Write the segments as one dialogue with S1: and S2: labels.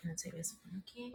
S1: Can I take this funky?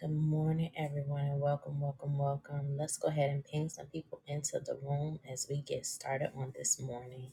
S1: Good morning, everyone, and welcome, welcome, welcome. Let's go ahead and ping some people into the room as we get started on this morning.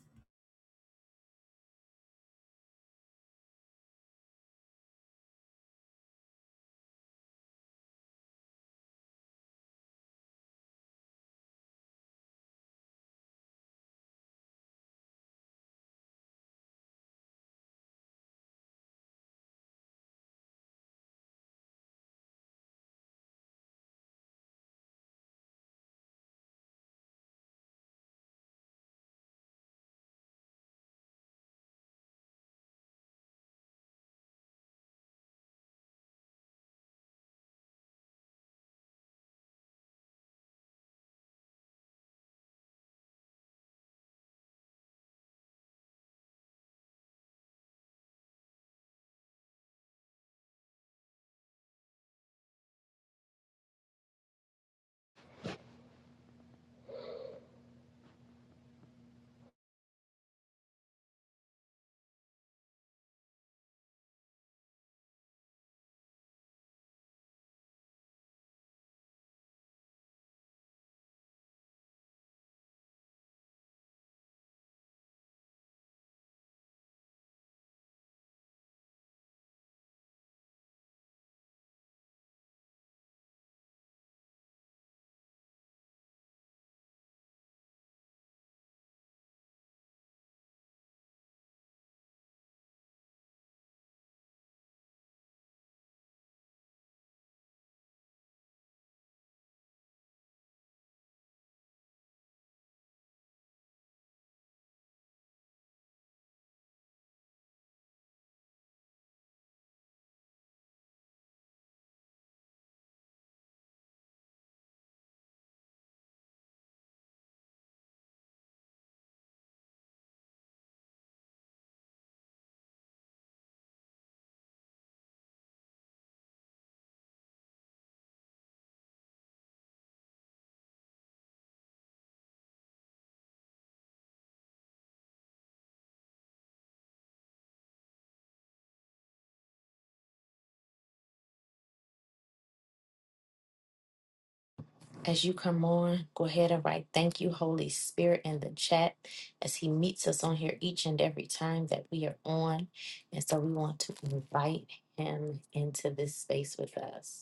S1: As you come on, go ahead and write thank you, Holy Spirit, in the chat as He meets us on here each and every time that we are on. And so we want to invite Him into this space with us.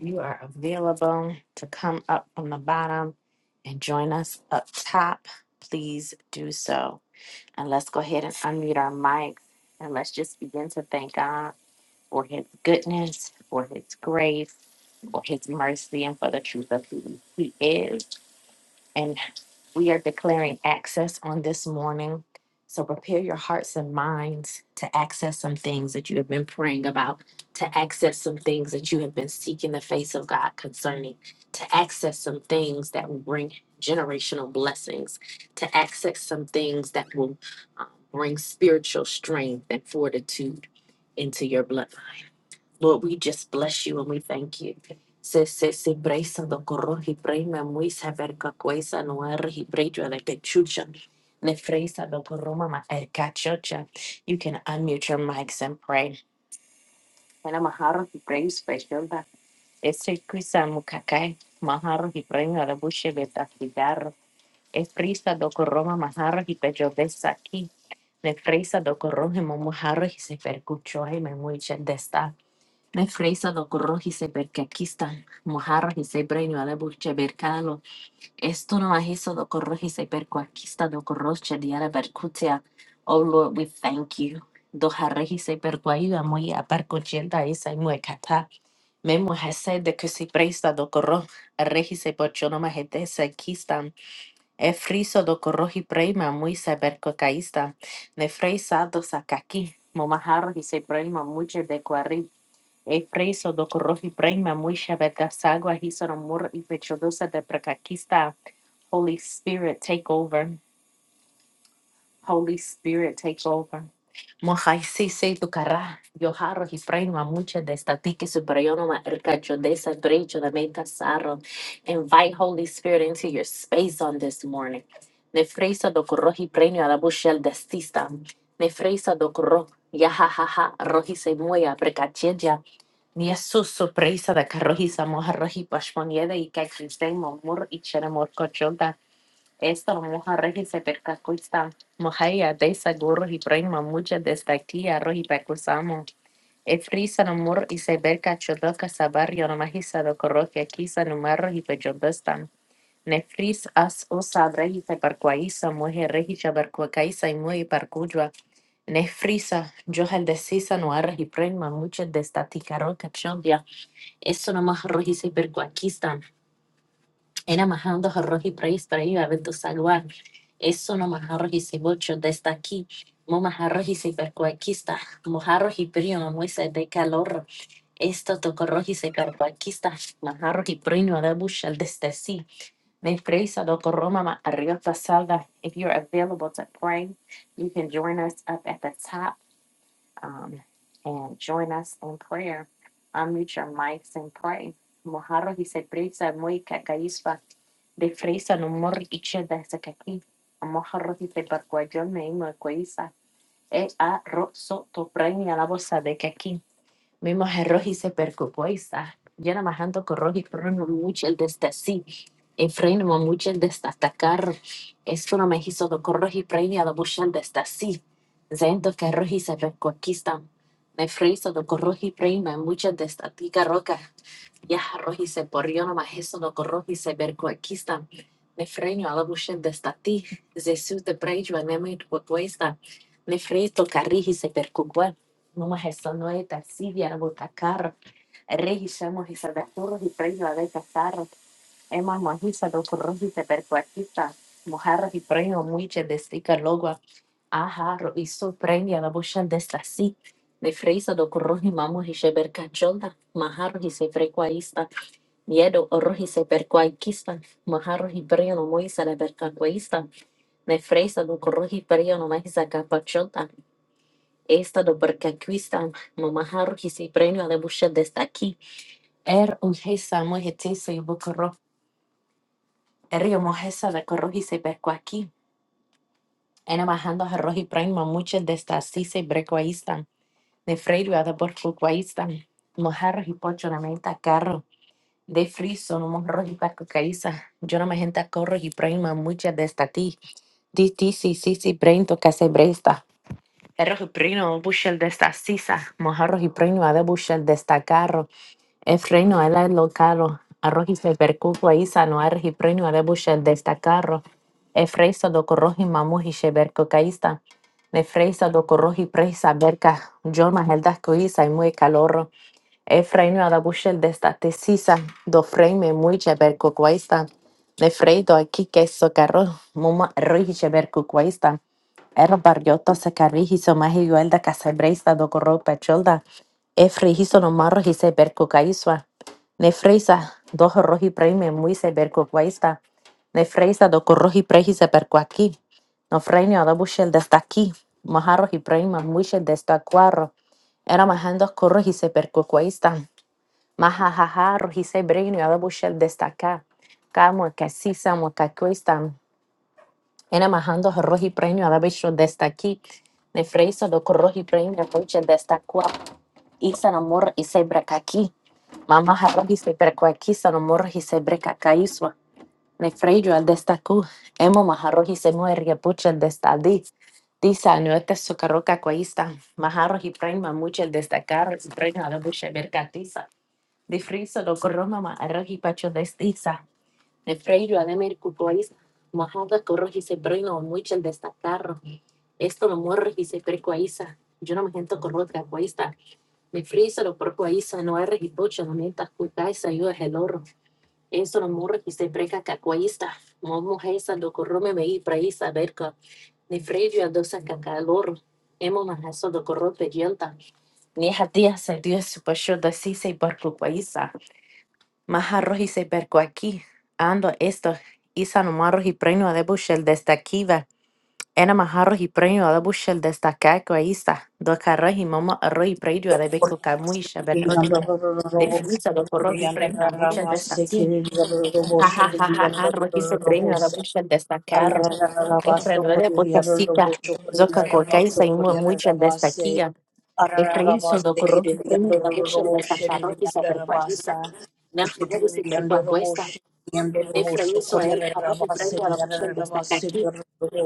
S1: you are available to come up from the bottom and join us up top, please do so. And let's go ahead and unmute our mics and let's just begin to thank God for his goodness, for his grace, for his mercy, and for the truth of who he is. And we are declaring access on this morning. So prepare your hearts and minds to access some things that you have been praying about, to access some things that you have been seeking the face of God concerning, to access some things that will bring generational blessings, to access some things that will um, bring spiritual strength and fortitude into your bloodline. Lord, we just bless you and we thank you. Freysa no arhi brejo like the chucha. Le Freysa do koroma ma el cachocha. You can unmute your mics and pray. Ela maharo hi brejo special da. Ese kuisa mukakai. Maharo hi brejo ala bushe beta cigarro. Es Freysa do koroma maharo hi pecho desa aquí. Le Freysa do koroma mo maharo hi se percucho hi me muiche desta. Le Freysa do koroma hi se percaquista. Maharo hi se brejo ala bushe bercalo. Esto no ahiso do corrojise per cuaquista do corroche diara percutia. Oh Lord, we thank you. Do harrejise per cuaida muy aparcochienta isa y muecata. Me mujese de que si presta do corro. Arrejise por chono gente se quistan. E friso do corroji preima muy se percocaísta. Ne freisa do sacaqui. Momajaro y se preima mucho de cuarri. E friso do corroji preima muy se vergasagua. Hisono mur y pechodosa de precaquista. Holy Spirit, take over. Holy Spirit, take over. Moja si se tu carra. Yo harro hi fraima mucha de esta tiki ercacho de esa brecho de meta sarro. Invite Holy Spirit into your space on this morning. Ne freisa do corro hi premio a la bushel de stista. Ne freisa do corro. Ya ha ha ha. Roji se muya precacheja. Ni Jesus sorpresa de carroji samoja roji pashmoniede y cachistemo mur y cheremor cochota. Esto moja rejese percacuista, mojaya desa gurros y prema mucha destactía roji percusamo. Efrisa no mur y se berca chodoca sabarrio no majisa do corroquia quisa no marro y pechobestan. Nefris as osa rejise percuaisa, moje rejisa percuacaisa y muy percuyua. Nefrisa, yo el decisa no arre y prema mucha destatica roca chondia. Esto no más moja rejise era majando roji preis prei a tu salvar. Eso no majarro y se desde aquí. Mo majarro y se percuaquista. Mojarro y prio no muese de calor. Esto toco roji se percuaquista. Majarro y prino de bushel desde sí. Me preisa doco roma ma arriba salda. If you're available to pray, you can join us up at the top um, and join us in prayer. Unmute your mics and pray. Mojarros y cerveza muy cacaíspa de fresa no mor iche de sacaki. Mojarros y cebarcuayón me imo cuaiza. E a roso to premia la bolsa de caqui. Mimo Roji se percupoisa. Yo nada más ando con Roji, pero no mucho el desde sí. Y freno mucho el desde atacar. Es uno me hizo do con Roji, freno a do mucho el desde sí. Zento que Roji se percuquista. Me friso do con Roji, freno mucho el desde tica roca. Ya Roji se porrió nada más eso do con Roji se percuquista. Me freno a do mucho el desde ti. Jesús te prejo a mí me Nefristo karihise perkugwa. Numa resonoe tarsidia rabota carro. Rejisa mojisa de y preño de cazarro. Ema mojisa do corrojite percuatita. Mojarros y preño muiche de stica logua. Ajarro y so preña la bocha de stasi. De freisa do y mamo y se bercachonda. Majarros y se frecuaista. Miedo orroji se percuaikista. Majarros y preño no moisa de bercacuaista. De freisa do y preño no maisa esta доброкачественная мамахарухи си премио de buche destaqui. Er un gesa muy mujetisa y bucorro. Er yo mojesa de corroji se pesco aquí. En bajando a roji prima muchas de estas sí se brecoaístan. De freiro a de porcuaístan. Mojarros y pocho de menta carro. De friso no mojarros y pescocaísa. Yo no me gente corro y prima muchas de esta ti. Di ti sí sí sí prento que se bresta. Erro y primo buche de estas sisa. Mojarros y primo a de buche de esta carro. Efraín era lo caro, arrojiste bercuco ahí sano argipreno de bushel de esta carro. Efraíso do corroji mamu y sheberco caísta. Nefreisa do corroji presa berca, yo más el dasco isa y muy calorro. Efraim Adabusher destate Sisa, Dofraime muy Berkuquaista, Nefreido aquí queso carro, Muma Ruiche Berkuquaista, Er Barrioto Sacarrijiso Magiguelda Casabreista Docorro Pacholda, Efreijiso Nomarro Gise Berkucaisua, Nefreisa, Dojo Roji Praime muy se berco Berkuquaista, Nefreisa Docorroji Prejise Berkuaki, Nofraime Adabusher desde aquí, No Freime Adabushel destaqui. Majarro y Praima muy desde Acuarro, era majando a corrojise per cucuaista. Majajaja rojise bregno y adabushel destaca. Camo casisa muacacuista. Era majando a roji premio adabisho destaqui. Nefreisa do corroji premio poche destacua. Isa namor y se brecaqui. Mamá jarrojise per cuaquisa namor y se brecacaísua. Ni Freyjo, al destacu. Emo Majarro y se muere, pucha el destadí. Dice, no este socarroca cuaísta, Majarro y Prima, mucho el destacar, y Prima la bucha mercatiza. De friso lo corro mamá, arroz pacho destiza. Ni Freyjo, ademir cucuaísta, Majarro corro y se prima, mucho el destacar. Esto lo morro y se percuaíza. Yo no me siento corroca cuaísta. Ni friso lo porcuaíza, no hay regipocho, no mientas cucaíza, yo es el oro. Eso no morre que se breca cacuaísta. Momo heisa lo corrome me y praísa verca. Ni freyo a dosa cacalor. Emo majaso lo corrope yelta. Ni a día se dio su pasho de si se barco paisa. Majarro y se berco aquí. Ando esto. Isa no marro y preño a debushel desde aquí va. Era majarro y preño a debushel desde acá coaísta. Dos carros y momo arro y preño a debeco camuisha bercocha. Definiza lo corrope y preño a muchas desde aquí. Ha ha ha ha ha rohise brenga la mucha de esta carro. Es prendere zoka gorkai sa mucha de esta kia. Es preiso do corro brenga la mucha de esta carro y se percualiza. Na rohi percuacuesta. Es el rohi brenga la mucha de esta aquí.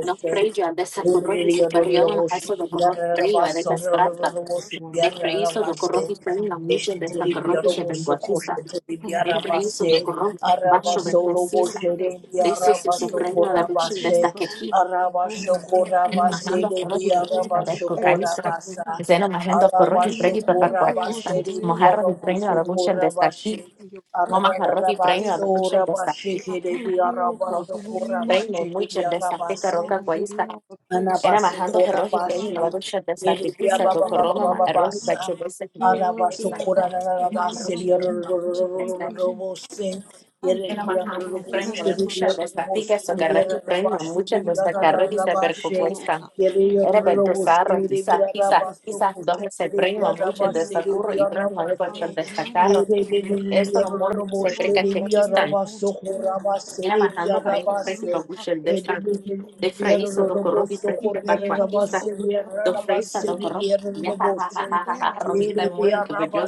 S1: No preja de esa corro y se periodo más eso do corro río de casprasta.
S2: you, wonderful
S1: Es
S2: Savior.
S1: do
S2: Thank
S1: corro
S2: you, my
S1: brenga la
S2: God,
S1: mucha
S2: in
S1: de
S2: the
S1: esta
S2: name of Jesus.
S1: percualiza.
S2: Thank you,
S1: Efraín
S2: wonderful
S1: sobre
S2: Savior.
S1: corrón, bajo
S2: Thank you, all
S1: sobre
S2: time God. Thank
S1: eso se es
S2: you,
S1: la
S2: Lord.
S1: reino de la
S2: Thank you,
S1: Virgen desde
S2: deliver.
S1: que aquí.
S2: Lord, I thank you,
S1: En
S2: waymaker.
S1: Mahando Flores y Pregis
S2: Lord,
S1: Babel
S2: I thank you,
S1: Cucaiza.
S2: Heavenly Father.
S1: Zeno Mahando Flores y
S2: Moving in
S1: Pregis
S2: a
S1: Babel
S2: mighty way on
S1: Cuatista.
S2: today, oh
S1: Mojarros y
S2: God, I
S1: Reino de
S2: thank
S1: la
S2: you,
S1: versión
S2: Holy
S1: de esta aquí.
S2: Spirit, for your touch.
S1: Momajarros y Reino de la
S2: Lord,
S1: Virgen desde aquí.
S2: I thank you, oh God, in the name of
S1: Reino Mucha desde aquí
S2: Lord,
S1: Caroca
S2: I give
S1: Cuaista.
S2: you all the praise, the
S1: Era
S2: glory,
S1: Mahando Jorros
S2: the
S1: y Reino
S2: honor.
S1: de la
S2: oh
S1: Virgen desde aquí.
S2: You
S1: Pisa
S2: are
S1: do Coroma
S2: worthy, oh Lord.
S1: Maharros y Pacho desde aquí.
S2: You are worthy, oh God, in the name
S1: Mojarros
S2: of
S1: y Reino
S2: Jesus.
S1: de la Virgen
S2: Thank
S1: desde
S2: you, Lord.
S1: aquí.
S2: Thank you,
S1: Dos
S2: Heavenly Father, in the name of Jesus. We glorify your will today, O God. Thank you for the breath that you have clothed me, O God. All right, mine on today, O God. Lord, I lift you up on today. O God. Thank you, Heavenly Father, exceedingly and abundantly and above and
S1: fresas, dos
S2: beyond
S1: corro.
S2: anything
S1: Ya, ja, ja,
S2: I
S1: ja,
S2: can think
S1: ja, ja,
S2: or
S1: ja,
S2: ask.
S1: rojita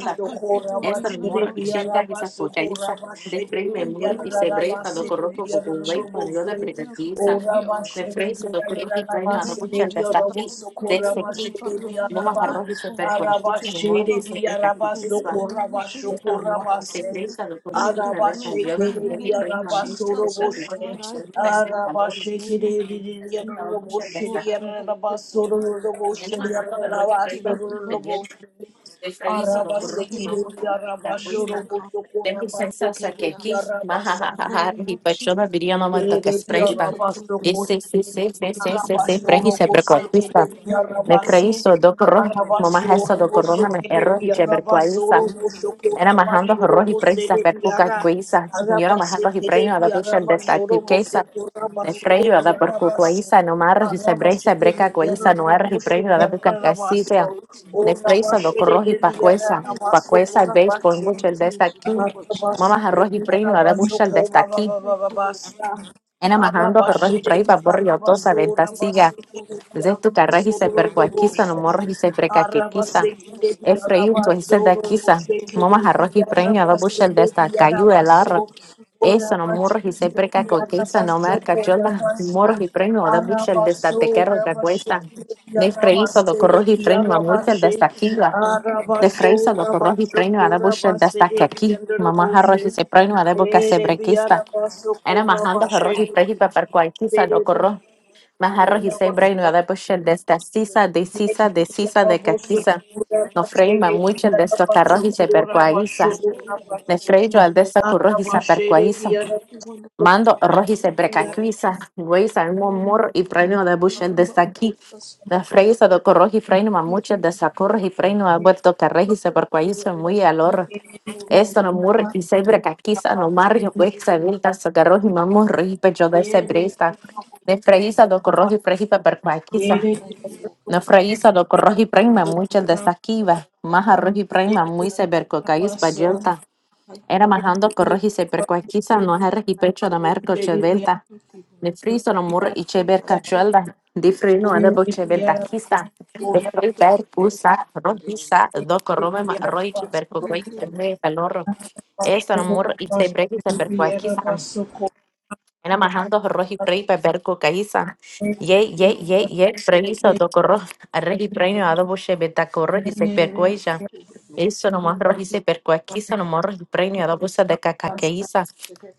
S2: I thank you, Lord,
S1: essa
S2: in the name
S1: memora
S2: of
S1: e tinta
S2: Jesus.
S1: essa coca essa de frei
S2: Thank you,
S1: memora e
S2: Lord,
S1: se
S2: that your
S1: breita do
S2: word
S1: corpo
S2: is
S1: com o vai
S2: true.
S1: para eu
S2: Let
S1: da
S2: every other
S1: preguiça
S2: prayer be a
S1: de
S2: liar.
S1: frei se do corpo e para
S2: In the
S1: nada por
S2: name of
S1: tinta
S2: Jesus,
S1: está aqui
S2: thank
S1: desse
S2: you, Heavenly
S1: aqui
S2: Father, that
S1: não
S2: no
S1: agarrou
S2: weapon
S1: e se
S2: formed against
S1: percuatiu
S2: us
S1: se memora e
S2: shall
S1: se
S2: prosper.
S1: breita aqui
S2: in
S1: pessoal
S2: the name of Yeshua,
S1: esta
S2: God.
S1: memora e se breita do corpo e
S2: Thank you,
S1: para ver que
S2: Heavenly Father,
S1: eu não
S2: in the
S1: agarrei e
S2: name
S1: para
S2: of
S1: uma mente que
S2: Jesus,
S1: está com
S2: Lord
S1: o corpo
S2: God,
S1: e
S2: I
S1: só está em
S2: bless the
S1: calor
S2: holy name of the
S1: não por tinta está
S2: Lord. I
S1: aqui
S2: thank you, Lord.
S1: ele
S2: Thank
S1: mandando
S2: you,
S1: agarrou e para
S2: Lord.
S1: ir
S2: In the
S1: para
S2: name of
S1: o
S2: Jesus, Lord,
S1: Efraíso
S2: I
S1: lo
S2: thank
S1: corroge
S2: you, Lord,
S1: mambo ta
S2: for being a
S1: questa.
S2: comfort,
S1: Tem
S2: Lord
S1: licença, só que
S2: God.
S1: aqui,
S2: In the
S1: mahahaha,
S2: name of Jesus,
S1: ripachona viria na manta
S2: God,
S1: que
S2: I thank
S1: expressa.
S2: you, Heavenly Father,
S1: Esse, esse, esse, esse,
S2: in the name
S1: esse,
S2: of
S1: esse, prehi
S2: Jesus.
S1: sebrequatista.
S2: Thank you,
S1: Me
S2: wonderful,
S1: creí, só do corro,
S2: you
S1: mamá
S2: mighty,
S1: resta do corro, me erro, e
S2: you for being
S1: quebrecoalisa.
S2: a good
S1: Era majando rohi presa percuca cuisa. Yo era
S2: Lord.
S1: majar rohi preino a la bicha de
S2: believe in
S1: esta
S2: me more for
S1: activqueza.
S2: keeping me
S1: De
S2: over
S1: freiro a la
S2: here.
S1: percucuaiza, no más y se breisa, breca
S2: Thank you
S1: cuaiza,
S2: for
S1: no
S2: being
S1: er y preino a la buca
S2: there when
S1: caicitia.
S2: I
S1: De freisa do corroji pacuesa.
S2: Thank you
S1: Pacuesa veis por mucho el
S2: for
S1: de
S2: being
S1: esta aquí.
S2: Jehovah Jireh.
S1: Mamá rohi preino a
S2: my
S1: la bucha
S2: God.
S1: de esta aquí.
S2: Thank you, Lord. And
S1: Era
S2: I
S1: majando
S2: remain
S1: rohi
S2: Jesus.
S1: prei pa borri otosa
S2: Christ, Lord,
S1: ventasiga.
S2: Holy
S1: Zeu tu
S2: Spirit.
S1: Zeutukarra hipercoaquista, no morro
S2: Thank you,
S1: hipercaquequista.
S2: wonderful Savior.
S1: Efraíu,
S2: Thank
S1: tu
S2: you. Lord.
S1: hisedaquista. Moma jarro
S2: Thank
S1: hipreño, da
S2: you, Lord.
S1: bushel de esta cayu el arro.
S2: That's all
S1: Eso no morro
S2: I ask. Holy Spirit.
S1: hipercaquequista, no merca chola. Morro hipreño, da
S2: Thank
S1: bushel de esta
S2: you for being there. Thank you for me.
S1: tequero que cuesta. De
S2: the
S1: freíso, do corro y
S2: promise
S1: preño a
S2: of the Holy
S1: multel de esta
S2: Spirit.
S1: quila. De freíso, do corro hipreño, da bushel de esta caqui. Mamá
S2: Thank
S1: jarro
S2: you, Lord.
S1: hipercaquista, da buca
S2: Thank you
S1: sebrequista. Era
S2: for the
S1: majando
S2: promise of the Lord. Thank
S1: jarro
S2: you.
S1: hipercaquista, do corro
S2: Praise
S1: Maharro Hisei Bray Nuada Bushel Desta Sisa de Sisa de Sisa de Kakisa.
S2: Thank
S1: No
S2: you, God,
S1: freima
S2: for
S1: mucho Frey Mamuchel Desto
S2: yours.
S1: Carrojise Percuaiza.
S2: Lord,
S1: Ne Frey Joal Desta Currojisa Percuaiza.
S2: Thank you, wonderful
S1: Mando Rojise
S2: and good, mighty
S1: Brecaquisa.
S2: God.
S1: Güeyza en
S2: Lord,
S1: Momor y
S2: Thank
S1: Preino de Bushel
S2: you, name of
S1: Desta aquí.
S2: Jesus, oh
S1: Ne
S2: God.
S1: Frey mucho Corroji Freino
S2: Thank you,
S1: Mamuchel
S2: for wonderful.
S1: Desta Corroji
S2: Thank
S1: Freino Alberto Carrejise
S2: you,
S1: Percuaiza
S2: Lord.
S1: muy alor.
S2: Hallelujah. Glory
S1: Esto no murre y sebra caquiza no mario
S2: to you,
S1: huexa
S2: Lord.
S1: vilta sagarro y mamurro y pecho de
S2: Bless,
S1: sebresta. De
S2: Lord.
S1: freíza do corro y prejipa per cuaquiza.
S2: Thank you, oh God.
S1: No
S2: Thank
S1: freíza do corro y prima
S2: you
S1: muchas de
S2: for your
S1: saquiva. Más
S2: kindness.
S1: arroz y prima muy
S2: Thank
S1: se ver cocaíz
S2: you, Father.
S1: bayelta.
S2: Thank you,
S1: Era majando corro y seber cuaquiza
S2: Jesus.
S1: no es y
S2: I
S1: pecho de
S2: pray.
S1: merco chevelta.
S2: Thank you, Lord.
S1: Ne friso në murë i
S2: Lord,
S1: qeber
S2: I
S1: ka
S2: pray
S1: qëllë, di
S2: you.
S1: frinu edhe bo qeber takista,
S2: Thank
S1: e
S2: you
S1: prej
S2: for
S1: per
S2: putting the
S1: kusa,
S2: body on.
S1: rojisa, do korrome ma rojqi per
S2: Thank
S1: kukuaj se
S2: you,
S1: me e kalorro. E së në
S2: Lord.
S1: murë
S2: Very
S1: i
S2: much.
S1: qeber kisa per kuakisa, Ena majando roji prei pe berko kaisa. Ye ye ye ye previso toko roj. Reji premio adobo shebe tako roji se perkueja.
S2: Thank
S1: Eso no más
S2: you
S1: roji se perkuequisa nomás roji premio adobo se de cacaqueisa.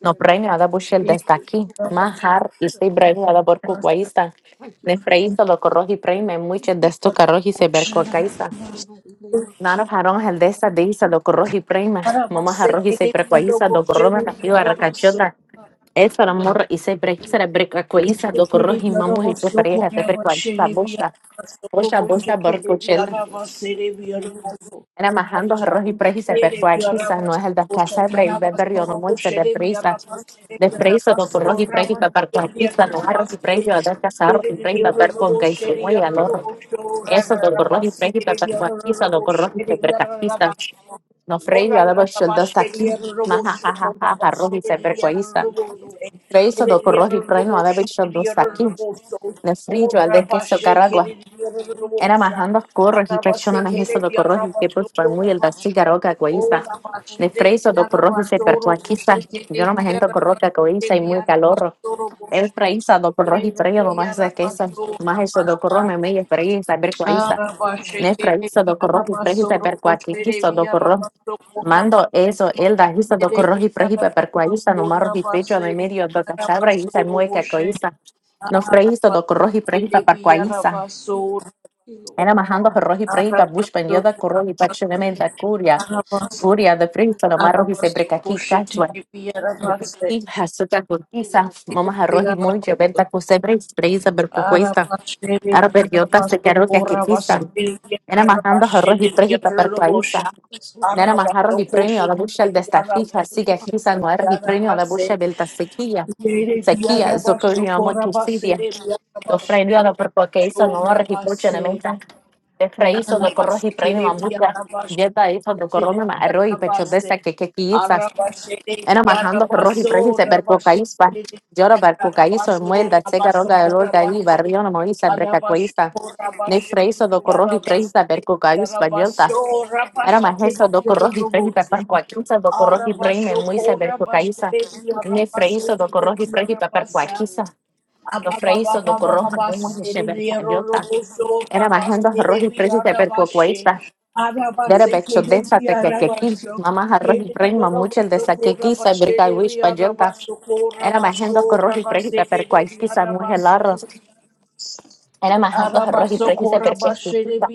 S1: No premio adobo shel desde aquí. Majar y se premio adobo kukuaisa. Ne freiso toko roji premio mucho desto esto roji se berkuecaisa.
S2: in the mighty name of
S1: Nano
S2: Jesus. Thank
S1: jarón el de esa de isa toko roji premio. Mamá roji se perkueisa toko roma
S2: you,
S1: nativa
S2: Father.
S1: esa
S2: Thank
S1: morra y se break,
S2: you,
S1: se break, cueliza, do corroji, mamu y se pareja, se
S2: thank you,
S1: percuaiza, bocha, bocha, bocha, barcochela.
S2: Jesus, for the hope
S1: Era majando
S2: that
S1: arroz y preji, se percuaiza, no es el de
S2: you
S1: casa de break, de yo no muy, se de
S2: give
S1: prisa, de
S2: us.
S1: prisa, do corroji, preji, beber cuaiza, no arroz y preji, o de casa arroz y preji, beber con que se muy al horro.
S2: And then I
S1: Eso, do corroji, preji, beber cuaiza, do corroji, se percuaiza. No
S2: thank you,
S1: freí, yo el dos aquí,
S2: thank you,
S1: maja, ja, ja, ja, arroz y se
S2: I
S1: percuaiza.
S2: thank you, Lord,
S1: Preso
S2: for
S1: do
S2: being
S1: corrojipreno ad abicho do
S2: God.
S1: saki.
S2: For
S1: Ne frigio al de queso caragua.
S2: what
S1: Era
S2: you
S1: majando corros y presiona na
S2: say, oh
S1: de corros y que pues por muy el
S2: God,
S1: da cigarroca
S2: that's
S1: guaiza.
S2: all
S1: Ne
S2: they give.
S1: freso do corros y se perplaquiza. Yo no me gento corroca guaiza y muy calorro. Eu pra Isa do corroji prego, mas é que
S2: Thank
S1: isso,
S2: you, Heavenly,
S1: mas isso do corrome meio pra Isa, ver com Isa.
S2: oh God, I
S1: Né pra Isa do corroji prego, per qua que isso do corro.
S2: thank
S1: Mando eso, el da Isa
S2: you,
S1: do corroji prego, per qua Isa, no marro di pecho de medio do cachabra Isa, muy que coisa. No
S2: thank
S1: fra do corroji prego, per qua Isa.
S2: you, Lord,
S1: Era majando corroji prego, para bush pendio da corroji pa da curia. Curia de prego,
S2: thank
S1: no marro di sempre que aqui hasta
S2: you,
S1: Cortiza,
S2: Lord, for
S1: mamas
S2: everything.
S1: arroz y mucho, verdad que usted breis, breisa, bercucuesta, arberiota, se quedaron que aquí Era majando arroz y prej
S2: Thank
S1: y
S2: you,
S1: papercuaiza.
S2: Jesus, for
S1: Era más arroz y premio a la bucha el destaquija,
S2: your
S1: sigue
S2: time.
S1: aquí no arroz y premio a la bucha belta sequilla. Sequilla, zocorio amo tu sidia. Lo freio a la percuaiza, no arroz y pucha en menta. De freizo, do corroz y premio a
S2: Thank you.
S1: mucha. Yeta hizo do
S2: Jesus,
S1: corrome arroz y pecho de esa que que quiza. انا مرحان
S2: I thank you,
S1: ده في الروح بريسي بركو كويس بر جرى بركو كويس
S2: my
S1: والمويل ده سيجا روجا الول ده لي بريانا مويسا
S2: friend. Thank you, Jehovah.
S1: بركا كويسة نفر eso do corroji presa perco callos bayota. Era más eso do corroji presa perco aquisa do corroji preme muy se perco caisa. Nefre eso do corroji presa perco aquisa. Do freiso do corroja como se bercayota. Era más roji presa perco cuaisa. Dere becho densa te que que aquí. Mamá roji prema mucho el de sa que quisa berca era manejando con rohi prehita per cualquiera mujer larros. Era manejando con rohi prehita per cualquiera.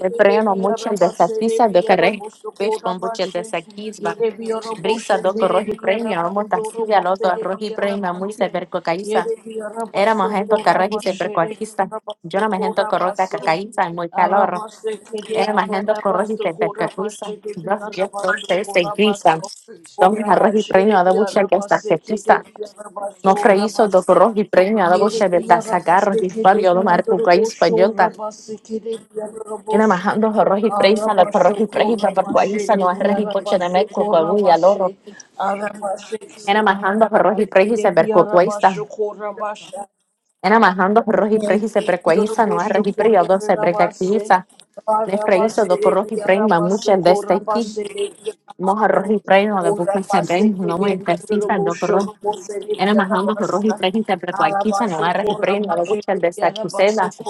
S1: El preno mucho el desafío de carrer. Pez con mucho el desafío. Brisa do rohi premio, amo taxilla loto rohi premio muy se per cocaiza. Era manejando con y se per Yo no manejando con rohi cacaiza muy calor. Era manejando con rohi se per cualquiera. Yo yo soy se
S2: Lord,
S1: grisa.
S2: I praise you. I
S1: Toma y premio, da mucho el
S2: thank
S1: desafío.
S2: you.
S1: No freíso do rojo y
S2: Thank
S1: preña a boche de
S2: you,
S1: tazagarro y pario do mar pucay español ta.
S2: Thank you, Lord.
S1: Ina majando rojo y
S2: In
S1: preisa
S2: the
S1: la
S2: name of
S1: rojo y preisa para cuaisa no es reji poche de meco coagu y aloro.
S2: Jesus, in the name of Jesus.
S1: Ina majando rojo y preisa
S2: Oh,
S1: per cuaisa.
S2: my God,
S1: Ina majando rojo y preisa per cuaisa no es reji preia do se brecaquiza. Ne freíso do rojo y preima mucho de este aquí.
S2: yeah. Father,
S1: Moja rojo y
S2: today
S1: preino de buca se ven no muy precisa do
S2: we rejoice
S1: enamorando su rojo y frío interpreta aquí está no agarra
S2: for
S1: el
S2: you.
S1: premio a la mucha al
S2: Thank
S1: desa que usted hace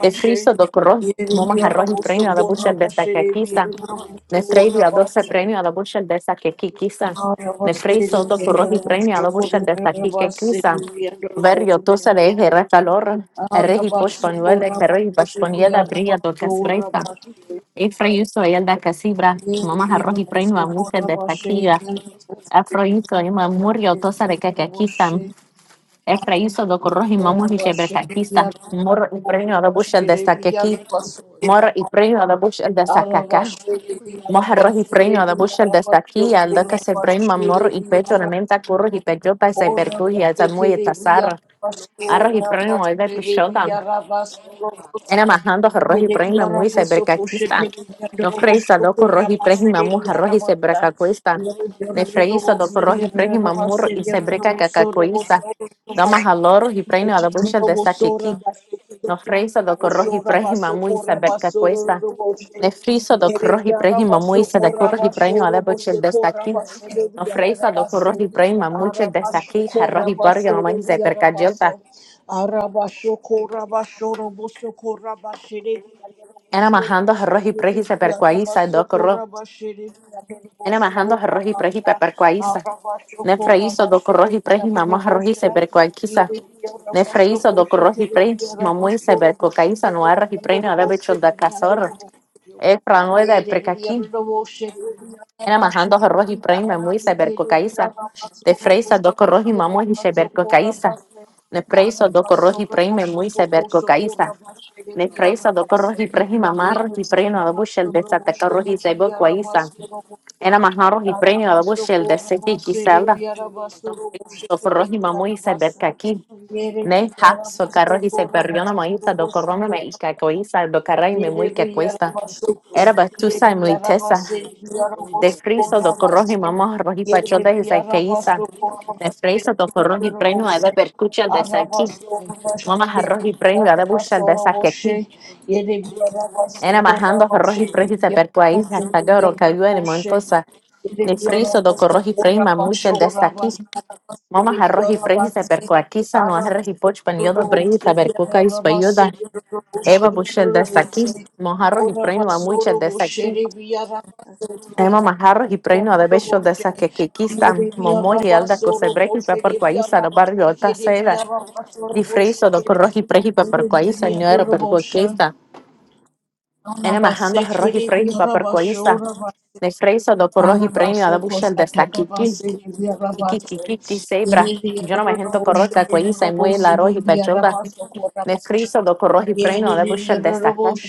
S1: de friso todo rojo no más arroz y premio a la mucha al desa que aquí está
S2: you, Lord.
S1: de frío dio a doce premio a la mucha al desa que aquí quizá de friso todo rojo y
S2: We
S1: premio a la mucha al desa que aquí
S2: thank
S1: quizá
S2: you.
S1: vario todo sale el res calor el regio pospongo
S2: Heavenly
S1: el de que regi bashponieda
S2: Father,
S1: bria do casbreta
S2: thank you,
S1: e freiso el regio posponía da brilla todas las brisas y frío soy el de casíbra no más
S2: Lord,
S1: arroz y premio a mucha al desa que ya
S2: just that
S1: afroiso y
S2: heart,
S1: me murió todo sale que aquí están Efraíso
S2: but
S1: do Corroji Mamos y Shebrekakista, Mor y Preño de Bushel de Sakeki,
S2: thank you, Lord.
S1: Mor y Preño de Bushel de
S2: So
S1: Sakaka,
S2: I praise God,
S1: Mojarro y Preño de Bushel de Saki, al de que se prema Mor y
S2: thank
S1: Pecho de
S2: you,
S1: Menta Curro y Pechota y Sebercuya, se muy
S2: thank
S1: tasar,
S2: you, Lord,
S1: Arro y Preño de
S2: because
S1: Pichota,
S2: God,
S1: Ένα μαχάντο ρόχι πράγμα μου είσαι μπερκακίστα. No freisa do corroji preji
S2: if
S1: mamur arroji se breca cuesta. Ne freisa do corroji preji mamur y se breca cacacuista. Dama haloro y preino a la bucha de saquequi. No freisa do corroji preji mamur y
S2: you have
S1: se cuesta. Ne friso do corroji preji
S2: been
S1: mamur y se de corroji preino a la bucha de saquequi. No freisa do corroji
S2: good
S1: preji mamur y de saquequi. Arroji barrio no más se breca gelta.
S2: from the creation of
S1: Era majando arroji preji se breca Ena majando roji preji paparcuaiza.
S2: the
S1: Ne
S2: world,
S1: freizo do corroji preji mamá roji se bercuaiquiza.
S2: God,
S1: Ne freizo do
S2: with
S1: corroji preji mamui se bercuaiza no arroji preji no lebecho da cazorro.
S2: your
S1: E
S2: power,
S1: franueda e precaqui.
S2: spirit, and
S1: Ena majando roji preji mamui se
S2: your
S1: bercuaiza. De freiza do corroji mamui se bercuaiza. Ne
S2: praise,
S1: freizo do corroji preji mamui se bercuaiza. Ne
S2: of
S1: freiza do corroji
S2: God,
S1: preji mamá roji preji no lebecho da cazorro se bercuaiza. انا ما احنا روحي بريني
S2: thank
S1: على وش الدسكي كي سالا
S2: you, Lord, thank you,
S1: روحي ما مو يسبت كاكي
S2: thank you,
S1: نه ها سو كروحي
S2: God,
S1: سبريونا
S2: praise
S1: ما يتا دو
S2: God,
S1: كورونا ما إيكا كويسا دو كراي مي مو إيكا كويسا
S2: word,
S1: era batusa y muy tesa
S2: oh
S1: de
S2: Lord,
S1: friso do corroji mamá
S2: we
S1: roji pachota y saqueiza de friso do corroji premio de percucha de saqui
S2: thank you,
S1: mamá roji premio de bucha de saque aquí
S2: God,
S1: era majando roji precio se percuaí
S2: thank
S1: hasta que cayó en el montosa de friso do corroji prima mucha de saqui Mama هنروحي فريزة بركو كيسة نو
S2: you, Lord,
S1: هنروحي بوش
S2: we
S1: بنيوضة بريزة بركوكا يسبيودا Eva
S2: thank
S1: Bushel desde aquí,
S2: you,
S1: mojarros y preño a muchas desde aquí.
S2: that's
S1: Emma
S2: our
S1: Majarros y preño a de beso desde que Kikista, Momo y Alda Cosebrec y Paparcuaiza, los barrios Ota Seda, Difriso, los corros y preji Paparcuaiza, Ñuero Percuaquista, Ene Majando Roji Preji Paparcuaiza, de Freiso, los corros y premio a de Bushel desde aquí, y Kikikiki Sebra. Yo no me siento corroja cuaiza y muy la roja y Nefriso do corroji premio a da busha desta casa.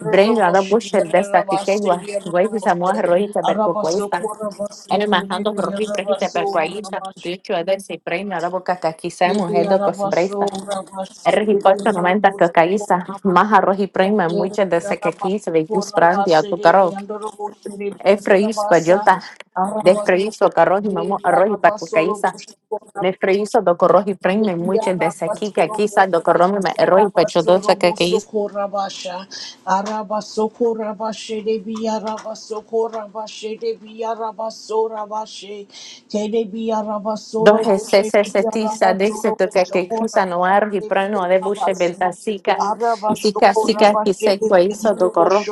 S1: Brenho da busha desta quiquegua. Guai que samoa rojita percocoista. Ele marrando corroji prejita percoaíta. Dicho é desse premio a da boca caquiça mujer do cosbreista. R hipoca noventa cacaísta. Maja roji premio mucha dessa caquiça de gus brandi a tu carro. É freis pajota. Desfreiso carroji mamo arroji percocaísta. Nefriso do corroji premio mucha dessa que quiça do corromi me erroji pechodosa Dos se setiza dice to que que cruza no argi prano de buche belta sica sica sica que se hizo do corro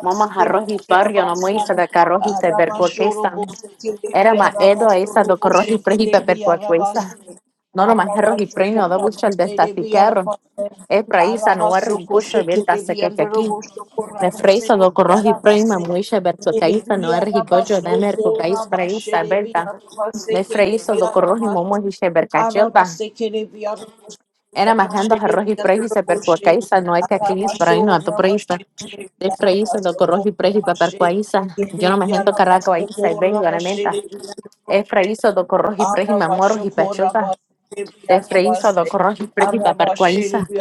S1: mama arroz y parrio no muisa de carro y se ver era ma edo esa do corro y prejita per cuaquesa no no más arroz y premio do buche el de esta sicarro es praisa no argi buche belta se que que aquí me freiso do corro y premio muise ver cuaquesa no argi pollo de mer cuaquesa praisa belta Nefreiso do corrohi momo hiche bercachelba. Era majando arroji prejise percuacaisa, no hay que aquí no a ato preisa. Nefreiso do corrohi preji papercuaisa. Yo no me majando caracoaisa y vengo a la menta. Efraíso do corrohi preji mamoro y pachota. Nefreiso do corrohi preji papercuaisa.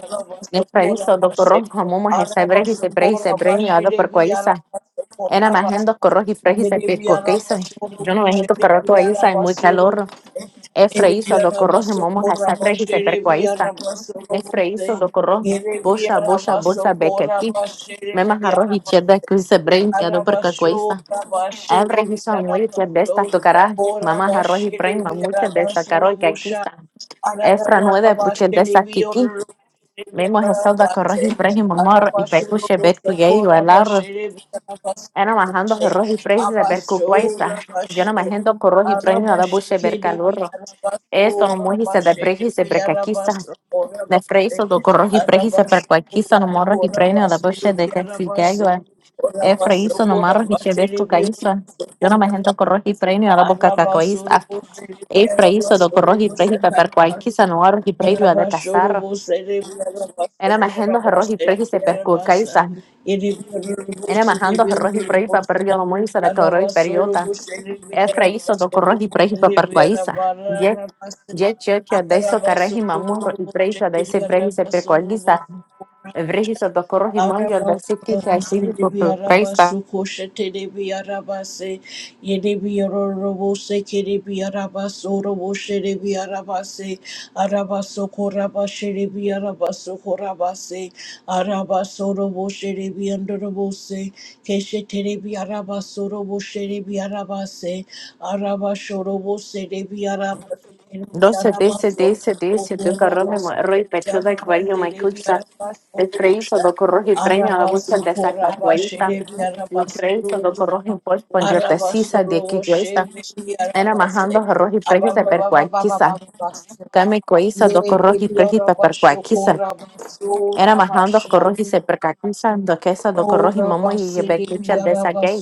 S1: Nefreiso do corrohi momo hiche brejise brejise brejise ato percuaisa. Era majando corrohi prejise percuacaisa. Yo no me majando caracoaisa y muy calor. Efraíso dokoroh momo hasakre y sepercuaiza. Efraíso dokoroh bosha bosha bosha bekati. Memas arroz y cheda que se brain ya no percacuaiza. El registro muy que de esta tocará. Mamás arroz y brain muchas de esta carol que aquí está. Efra nueve puche de esta kiki. Memos eso dokoroh y brain y momor y pecuche becu y ello el arroz. Era majando arroz y brain y sepercuaiza. Yo no me agendo corroz y brain y ahora buche bercalurro. Esto no muji se depreji se precaquista. De freiso do corroji preji se percuaquista no morroji prenio de boche de que si que ayua. E freiso no marroji chevesco caísa. Yo no me gento corroji prenio a la boca cacoísta. E freiso do corroji preji pe percuaquista no arroji prejo de casarro. Ena me gento roji preji se percuaquista. Ena me gento roji preji pe perrio no muji se de corroji periota. ɛkra iso to korro hi prehi pa parqua isa ye ye checha de so carrehi mamorro y preisa de ese prehi se percoaliza evrehi so to korro hi mandio de se ticha así tu preisa doce de ese de ese de ese tu carro me morro y petro de cuello me cuxa de preiso do corro preña la busca de sacna cuelita los preiso do corro y pues pondio de sisa de que yo está era majando arroz y prehi se percoaliza Kame kuisa do corro y prehi pa Era majando corroji se percacusa, do quesa do corroji mamu y becucha de esa gay.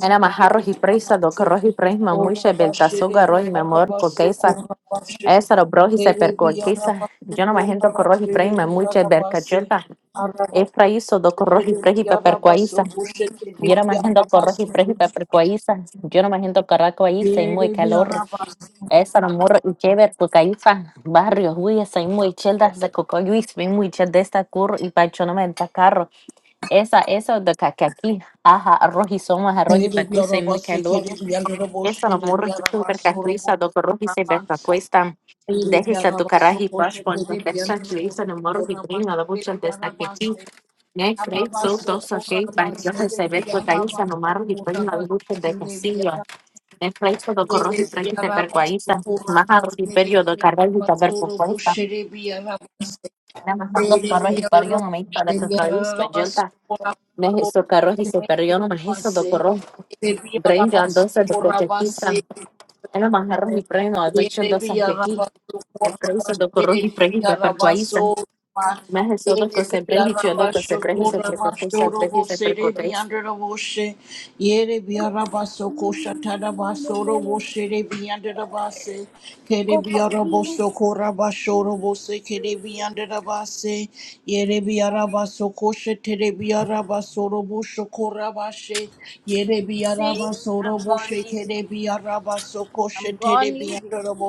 S1: Era majarros y prisa do corroji pres mamu y beltazuga roji mamor coquesa. Esa do broji se percuaquisa. Yo no majando corroji pres mamu y bercachulta. Es praiso do corroji pres y percuaiza. Yo no majando corroji pres y percuaiza. Yo no majando caracuaiza y muy calor. Esa no morro y chever cucaiza. Barrio, huye, soy muy chelda de cocoyuis, muy chel de esta curro y pacho no me Esa, eso de cacaqui, ajá, arroz y somas, arroz y pacuisa y muy calor. Eso lo morro de super cacuisa, do arroz y se ven pacuista. Déjese tu caraji pash cuando te chanchuiza, no morro de prima, lo mucho de esta que aquí. Ne crey, so dos a seis yo se ve pacuisa, no morro de prima, lo mucho de casillo. Ne crey, so do arroz y prima, se percuaiza, más arroz y perio, do caraji, saber pacuista. Nada más dos arroz y perio, no me hizo de cacaíza, yo Mexisocarros y socarriono, mexiso docorro, brenga, doce de coquetista, eno manjarro y preno, aduicho doce aquí, el preso docorro y pregi paparcuaiza, mexiso doco se bregi, chiodo que se bregi, se trepequesa, bregi, se trecotes.
S3: Go leave. See, I'm gone. Leave. you. I'm gone. Leave you. I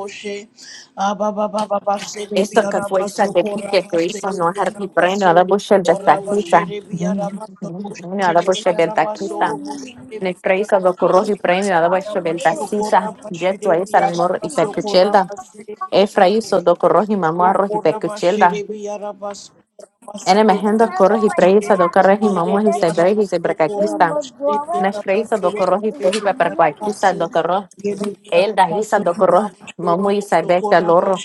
S1: Esto que cuesta de aquí que cuesta no es arti preno, a la bucha de taquita, a la bucha de
S3: did
S1: taquita. Ne preso docorro y
S3: not
S1: preno, a la
S3: like to
S1: bucha de
S3: leave
S1: taquita,
S3: You
S1: jet, guaiza, amor y
S3: Nothing.
S1: percuchelda. Efraíso do corroji mamua roji pecuchelda. Ene
S3: You
S1: mejendo
S3: remember
S1: corroji
S3: when you
S1: preisa do
S3: had to
S1: corroji
S3: tell me
S1: mamua y
S3: this thing?
S1: sebreji
S3: You
S1: sebrecaquista.
S3: were drawing?
S1: Nes preisa do corroji preji pepercuaquista do corro. Elda hisa do corro mamua y sebeca loro.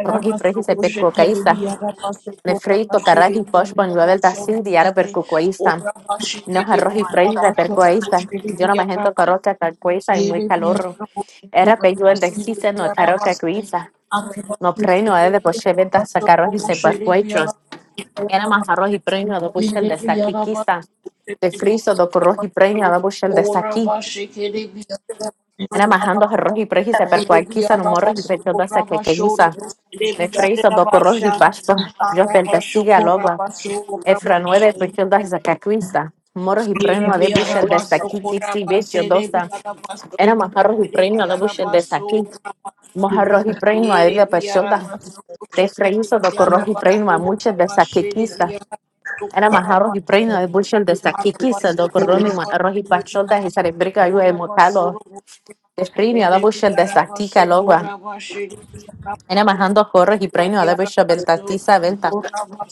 S1: Corroji preji sepecucaísta. Ne freito caragi poshbon yuabel da sin diara percucuaísta. Nos arroji preji de percuaísta. Yo no me corroca calcuaísta y muy calorro. Era peyuel de existe no caroca cuista. No, preño je después ventas venta carros y se barcuechos. Era más arroz y prejno después el de saqui quizá. De friso do corroz y prejno después el de saqui. Era majando arroz y prejno se percual quizá no morro y pecho de saque que guisa. De friso do corroz y pasto. Yo penta siga logo. Efra nueve pecho de saque quizá. morro y preño de bushel de saqui quizá becho dosa. Era más arroz y prejno después el de saqui. Mojarros y prejno de pecho de Tefreiso dokorro hipreinu ma muchas de saquequista. Era majaro hipreinu de buchel de saquequista dokorro mi ma rohi pacholda y sarebrica yu emotalo. Tefreinu ada buchel de sactica logua. Era majando corro hipreinu ada buchel del tatiza velta.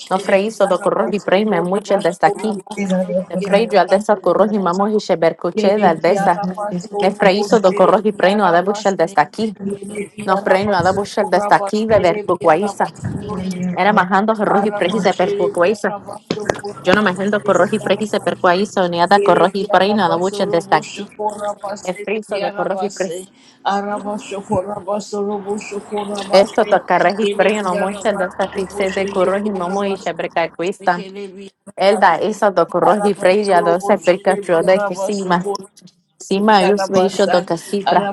S1: No freiso dokorro hipreinu ma muchas de saqui.
S4: Yeah,
S1: Tefreijo al desa corro himamo hichebercuche del desa. Ne freiso dokorro hipreinu ada buchel de saqui. No freinu ada buchel de saqui beber cucuaiza. Era majando corro hipreinu se Yo no me siento corroji preki se percuaizo ni ada corroji preino no mucho de esta aquí. Es friso de corroji preki. Esto to carreji preino mucho de esta tixe de corroji no muy se percacuista. El da eso do corroji preia do se percacuo de que cima. Cima yo se hizo do casifra.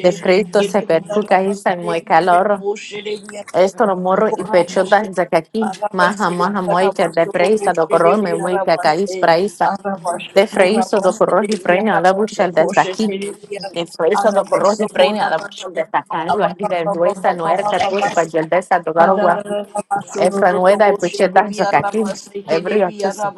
S1: De frito se percuca y muy calor. Esto lo morro y pechota desde que aquí, maja, maja, moite, de freisa, do corro, me moite, caís, praisa, de freisa, do corro, y freina, la bucha desde aquí, de freisa, do corro, y freina, la bucha desde acá, lo aquí de duesa, no era que pues, pa' el desa, do garogua, efra franueda y pechota desde que aquí, ebrio, chuse.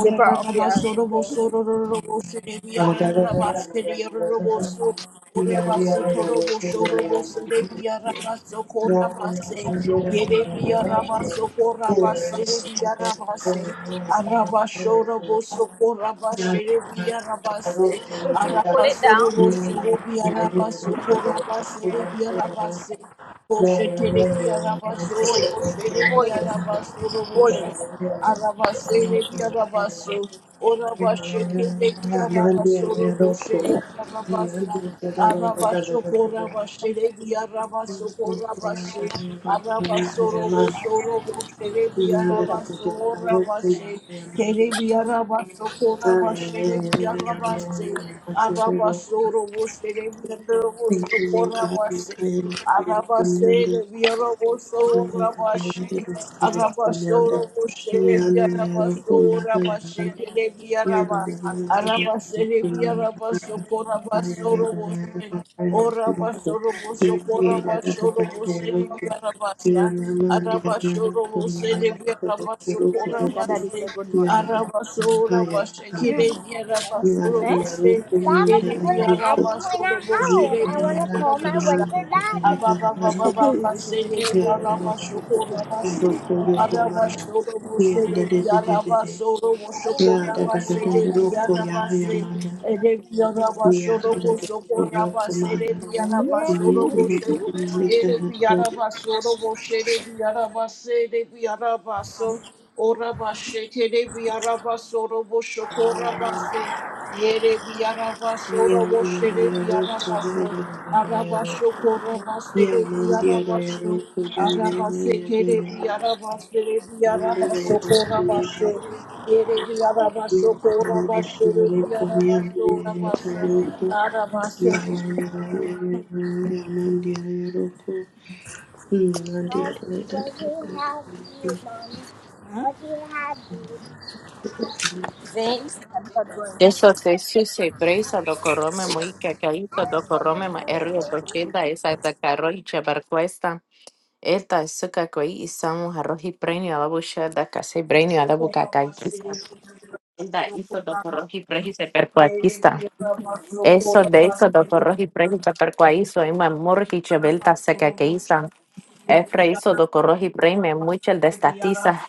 S3: Zipper of your thing. Push it, pull it down. Pull it. Pull it. Pull it.
S4: Thank you, Lord God. We pray in
S3: Pull it up.
S4: the name of the Lord.
S3: Brenda, Daddy, say good morning. Miracle,
S4: Yanda
S3: my friend. Eh? Dapat ibon ng at mo in a house. I wanna call my winter daddy.
S4: yeah,
S3: I am to call him. Yes, mom.
S4: Yeah, yeah, yeah, yeah, yeah, yeah, yeah, yeah, Nandi, yeah, yeah, Roku. Hmm, Nandi, yeah, yeah,
S3: What do you
S4: yeah,
S3: have, you,
S4: yeah,
S3: mom? What do you have, you? Things I'm not going to.
S1: Eso te suse, freisa, do corro, me moite,
S3: I
S1: caíta, do
S3: don't
S1: corro,
S3: have a
S1: me erio
S3: phone.
S1: pechota, esa, de carro, y chabarcuesta. Esta es suka koi isamu harohi premio alabusha da kase premio alabukakakista. Esta hizo doporohi prehi se percuaquista. Eso de eso doporohi prehi se percuaizo ima murhi chebelta seca que isa. Efra hizo doporohi premio muchel de estatiza.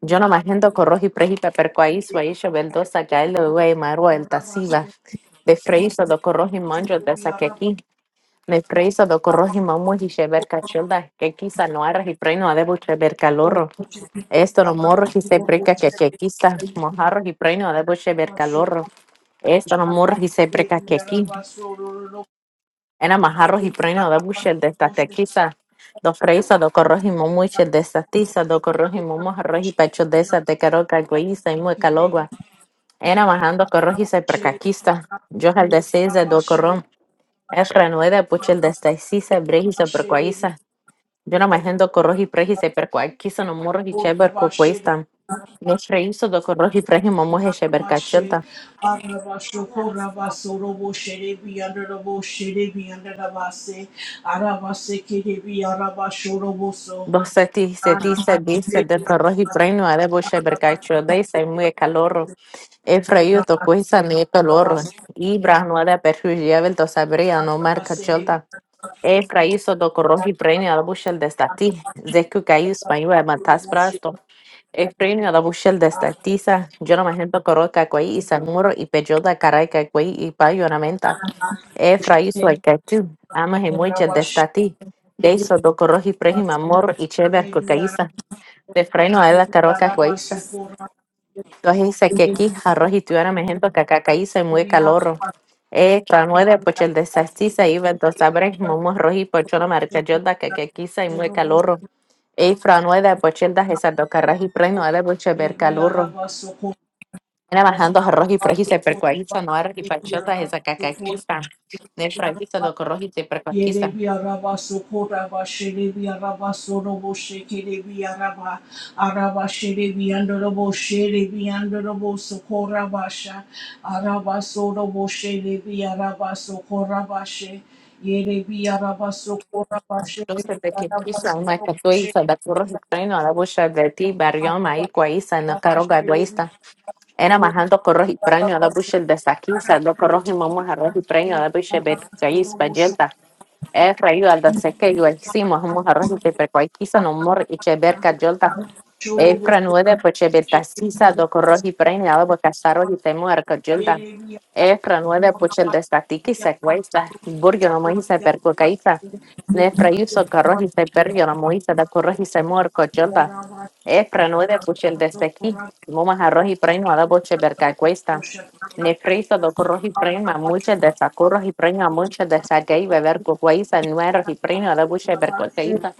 S1: Yo no me agendo corroji prehi pe percuaizo ahí chebeldosa gaile uwe marua el tasiva. De freizo doporohi manjo de saquequi. Mefreiso do corrojimo muji sheberka childa, que quizá no arra y preino adebo sheberka lorro. Esto no morro y se preca que que quizá mojarro y preino adebo sheberka lorro. Esto no morro y se preca que aquí. Ena majarro y preino adebo shel de esta que quizá. Do freiso do corrojimo muji de esta tiza, do corrojimo mojarro y pecho de esa te caroca guiza y mueca logua. Ena majando corroji se preca quizá. Yo el de do corrón. Es renuede puchel de esta isisa, brejisa percuaiza. Yo mai händo ko rohi prehi se per kwa kiso no morro hi cheber ko questa. No shreiso do ko rohi prehi momo he cheber kachelta. Bo se ti se ti se di se de ko rohi prehi no are bo cheber kachelta i se muy calorro. E freio to questa ni calorro. Ibra no ada per hu to sabria no mar kachelta. E fraiso do ko rohi prehi no bo shel destati. Zeku kai español matas Efraín a la bushel de estartiza, yo no me ejemplo coroca cuay y sanmuro y peyoda caraica cuay y payo na menta. Efra hizo al cachú, amas y muchas de estati, de eso do corroji prejima moro y chever cocaiza, de freno a la caroca cuaiza. Entonces dice que aquí arroz arroji tuviera me ejemplo cacacaiza y muy calorro. Efra nueve pochel de estartiza iba dos abres momo roji pochola marca yoda cacaquiza y muy calorro. Ifra no de pochel da hesa do carraji pre no de poche ver calurro. Era bajando a roji preji se percuaquiza no era y pachel da hesa cacaquiza. Ne fraquista do corroz y se percuaquiza. Entonces de que quisa una catuiza da y pre no la poche de ti barrio maí cuaiza no caro gaduista. Era bajando corroz y pre no la poche de saquiza do corroz y momo arroz y pre no la poche ver caiz pajelta. Es rayo al da seque y hicimos momos arroz y se percuaquiza no mor y cheber cayolta. Efranuede pochebe tasisa do corroji preña abo casaro y temo arcogilda. Efranuede pochel destatiki se cuesta. Burgio no moise percocaíta. Nefraiuso corroji se pergio no moise da corroji se muerco gilda. Efranuede pochel destaqui. Mumas arroji preña abo cheberca cuesta. Nefriso do corroji prima muche de sacuros y preña muche de saquei beber cucuaiza nueros y preña da buche bercocaíta.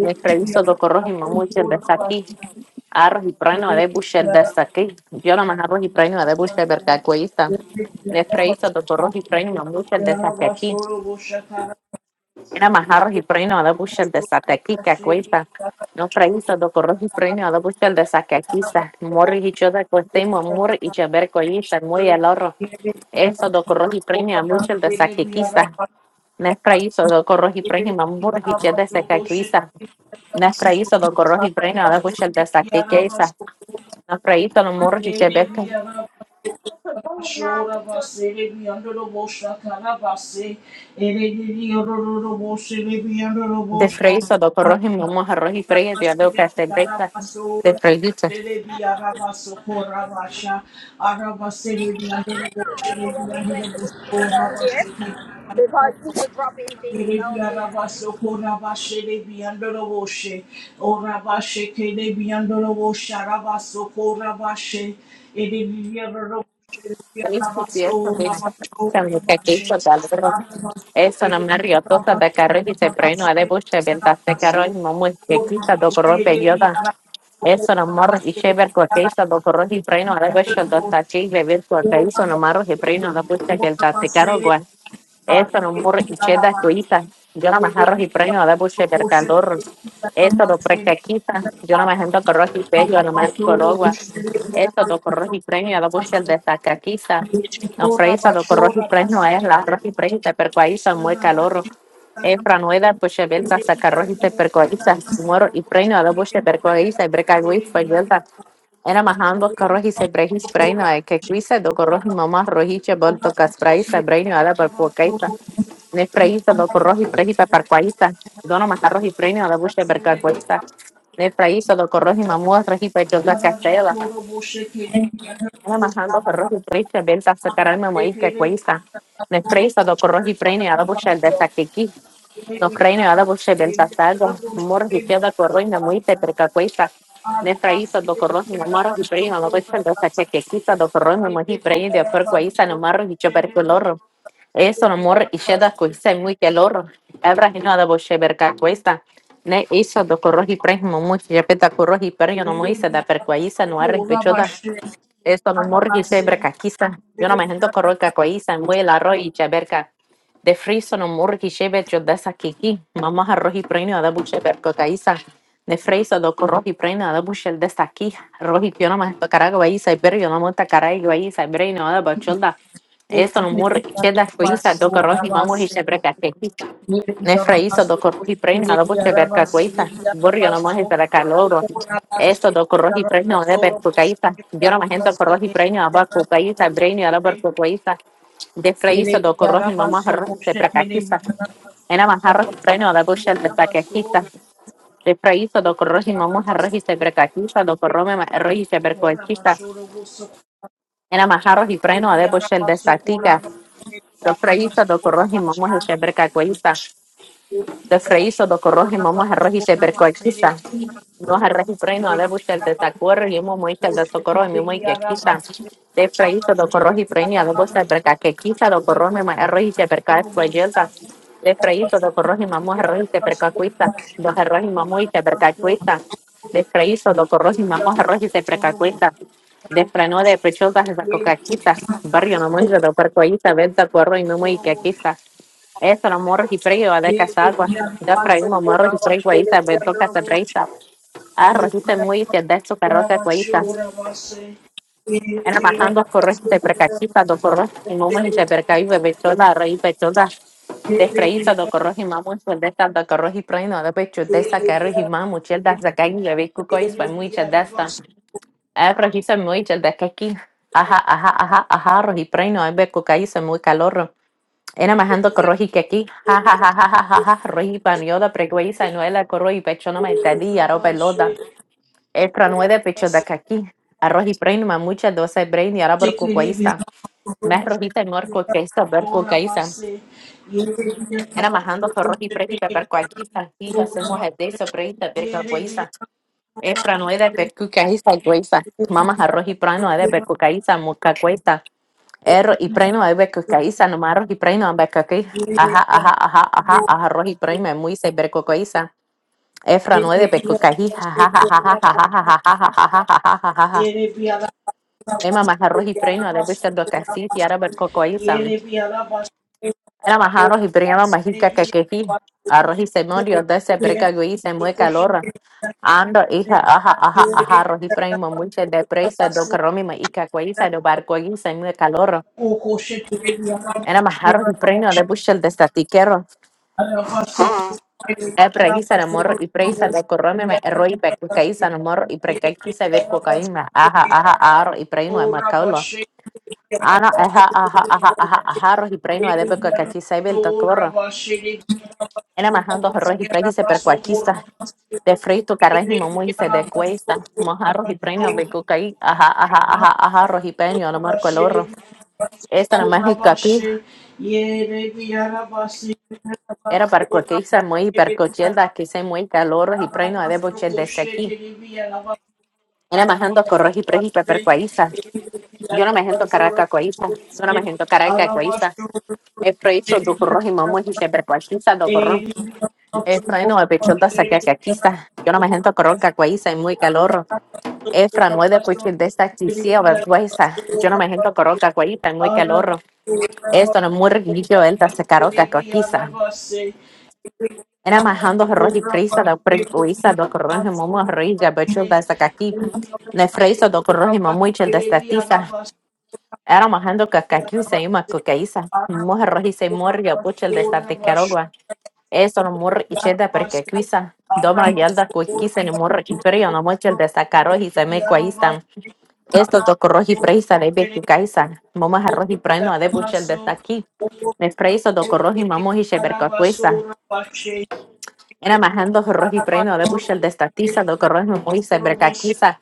S1: Nefriso do corroji mamuche de saqui arroz e prano de busher dessa aqui. Eu não arroz e prano de busher porque coisa. Nesse isso do arroz e prano busher dessa aqui. Era mais arroz e prano de busher dessa aquí que coisa. No preguiso do arroz e prano de busher dessa aqui. Morre e choda costemo morre e chaber coisa muy el horro. Eso do arroz e prano busher dessa aqui. Nesse preguiso do arroz e prano morre e choda dessa aqui. Nesse preguiso do arroz e prano de busher dessa aqui una na fraíta no morro de Quebec, de freíza, do arroz y mamá, arroz y freír, yo tengo que hacer brecha de freíta.
S3: Remember when we went to the store down there? Because people dropping things down there.
S1: Sabe que aquí yo salgo. Eso no me río tosa de carro y se freno de buche, ventas de carro y mamá, que quita do corro peyota. Eso no morros y se chever coqueiza, do corro y freno de buche, dos tachis, bebé coqueiza, no morros y freno de buche, ventas de carro, guay. Essere un da suita, yo no me jarro y premio a dar buche del calor, esto lo precaquita, yo no me siento corro y pello, no me corogua, esto lo corro y premio de buche el de sacaquiza, no freisa lo corro y premio es la arroz y premio te percuaiza, muy calor, Efra nueva buche belta sacarro y te percuaiza, muero y premio de buche percuaiza, y brecagui fue belta, era majando corro y se brejis premio, que cuisa do corro y mamá rojiche, volto caspraiza, premio a la percuaiza, Nefraísta, doko rohi prehita parquaísta, dono macarros y prene a la bucha bercacuesta. Nefraísta, doko rohi mamua trajipa yoga cachela. Ana majando ferros y prehita belta sacaralme moica cuesta. Nefraísta, doko rohi prene a la bucha el de saquiqui, Ukraine belta saga mor hiçada korroyna muite perkakoisa ne traisa do korros no maro hi preina no pesa do saque que quita do korros no hi preina de por kuaisa no maro hi cheper kolor eso no y hiçada koisa muy kelor abra hino da boshe berkakoisa ne hizo do korros hi preina no muy chepeta corros y preina no muy se da perkuaisa no ha pechoda esto no morgi sebra kakisa. Yo no me siento corro cacoiza en el arroz y cheberca. De friso no morgi shebe yo de esa kiki. Mamá arroz y preño de buche berco caiza. De friso do corro y preño de buche de esa aquí. Arroz y yo no me siento carago aiza y pero yo no monta carago aiza y preño de bacholda. Esto no morgi cheda coiza do corro y mamo y cheberca aquí Nel fraiso doko riprena dopo c'è perca questa. Borgo non mangi per la loro. Esto doko rohi preno de per cucaita. Yo no mangi con rohi preno a bar cucaita, breno a la bar cucaita. De fraiso doko rohi mamá rohi de pracaquista. Ena mangi rohi preno a la bucha de pracaquista. De fraiso doko rohi mamá rohi de pracaquista, doko rome ma- rohi se percoquista. Ena mangi rohi preno a la bucha de statica. De fraiso doko rohi mamá se pracaquista. de freíso do corroji momo herroji se percoaquiza. No herroji freino ale bushel de tacuerro y momo ichel de socorro y momo que quizá. De freíso do corroji freino y ale bushel perca que quizá do corroji momo herroji se perca esfuelza. De freíso do corroji momo herroji se percacuiza. Do herroji momo y se percacuiza. De freíso do corroji momo herroji se percacuiza. De freno de precholta se sacocaquiza. Barrio no mucho do percoaquiza, venta corro y momo y que quizá. Eso, los morros y frío, a de casagua. Yo traímos morros y frío, guaita, beto casabreita. Ah, rosita muy que de esto carroza guaita. Era matando a correr se precachita, do corros y mamá y se percaí, bebechola, rey bechola, de freíta, do corros y mamá, sueldesta, do corros y preno, de pecho de esa carro y mamá, chelda, saca y le ve cuco y soy muy cheldesta. Ah, rojita muy chelda, que aquí. Ajá, ajá, ajá, ajá, rojito preno, es ve cuca y se muy calor. Era majando corroji que aquí, ja ja ja ja ja ja ja, roji panioda preguisa y noela corroji pechona maitadi, aro pelota, extra nueve pecho de aquí, arroji brain mamucha doce brain y arabor cucuaísta, más rojita y morco que esta ver cucaísta, era majando corroji prejita per cuaquista, hija se moje de eso prejita ver cucuaísta, extra nueve per cucaísta y cuaísta, mamas arroji prano de per cucaísta, Erro y preno hay beco caiza, no marro y preno hay beco aquí. Ajá, ajá, ajá, ajá, ajá, rojo y preno es muy se beco caiza. Efra no es de beco caí, jaja, jaja, jaja, jaja, jaja, jaja, jaja, jaja. Emma majarro y preno de besar do casi, y ahora beco caiza. Era majarro y preno majica que quejí. Arroz y se murió de ese breca güey, se mueve calor. Ando, hija, ajá, ajá, ajá, Arroz y preno muy se depresa, do que romi ma ica caiza, do barco guisa, se mueve calor. Era más arroz y preno de buscar de E pra hisa na moro i pra hisa da korone me eroi pe ka hisa na moro i pra ka hisa ver ko ka ima aha aha aro i pra ino ma kaulo. Ana aha aha aha aha aha ro i pra ino de pe ka ka hisa ver to korro. Ena majando ro i pra hisa per kwa kista de frito carraji muy se de cuesta mojarro i pra ino be ko ka i aha aha aha aha ro i pra ino na moro koloro. Esta na mágica aquí era para cualquier muy hipercochel que se muy calor y preno de bochel de sequi. Era más ando corroji percuaiza. Yo no me siento caraca coiza. Yo no me siento caraca coiza. El proyecto do corroji momo y se percuaiza do corro. Efra no el pechonda sacacaquiza. Yo no me siento corroca coiza y muy calor. Efra no es de puchil de esta quisía vergüenza. Yo no me siento corroca coiza y muy calor. Esto no es muy riquillo el da sacaroca coquiza. Era más ando corroji prisa do percuaiza do corroji momo riga pechonda sacaqui. Nefreiso do corroji momo y chel de esta tiza. Era mahando kakakiusa ima kukaisa. Mujer rojiza y morga pucha el de Sarticarogua. Eso no mur y cheda porque perkakiusa. Doma yalda kuikisa ni mur y perio no mochel de Sacaroji se me cuaisa. Esto toco roji preisa de bekukaisa. Moma roji preno de puchel de Saki. Me preso toco roji mamoji sheberkakuisa. Era amarrando roji preno, de bushel de estatiza, do corrojo moise, brecaquiza,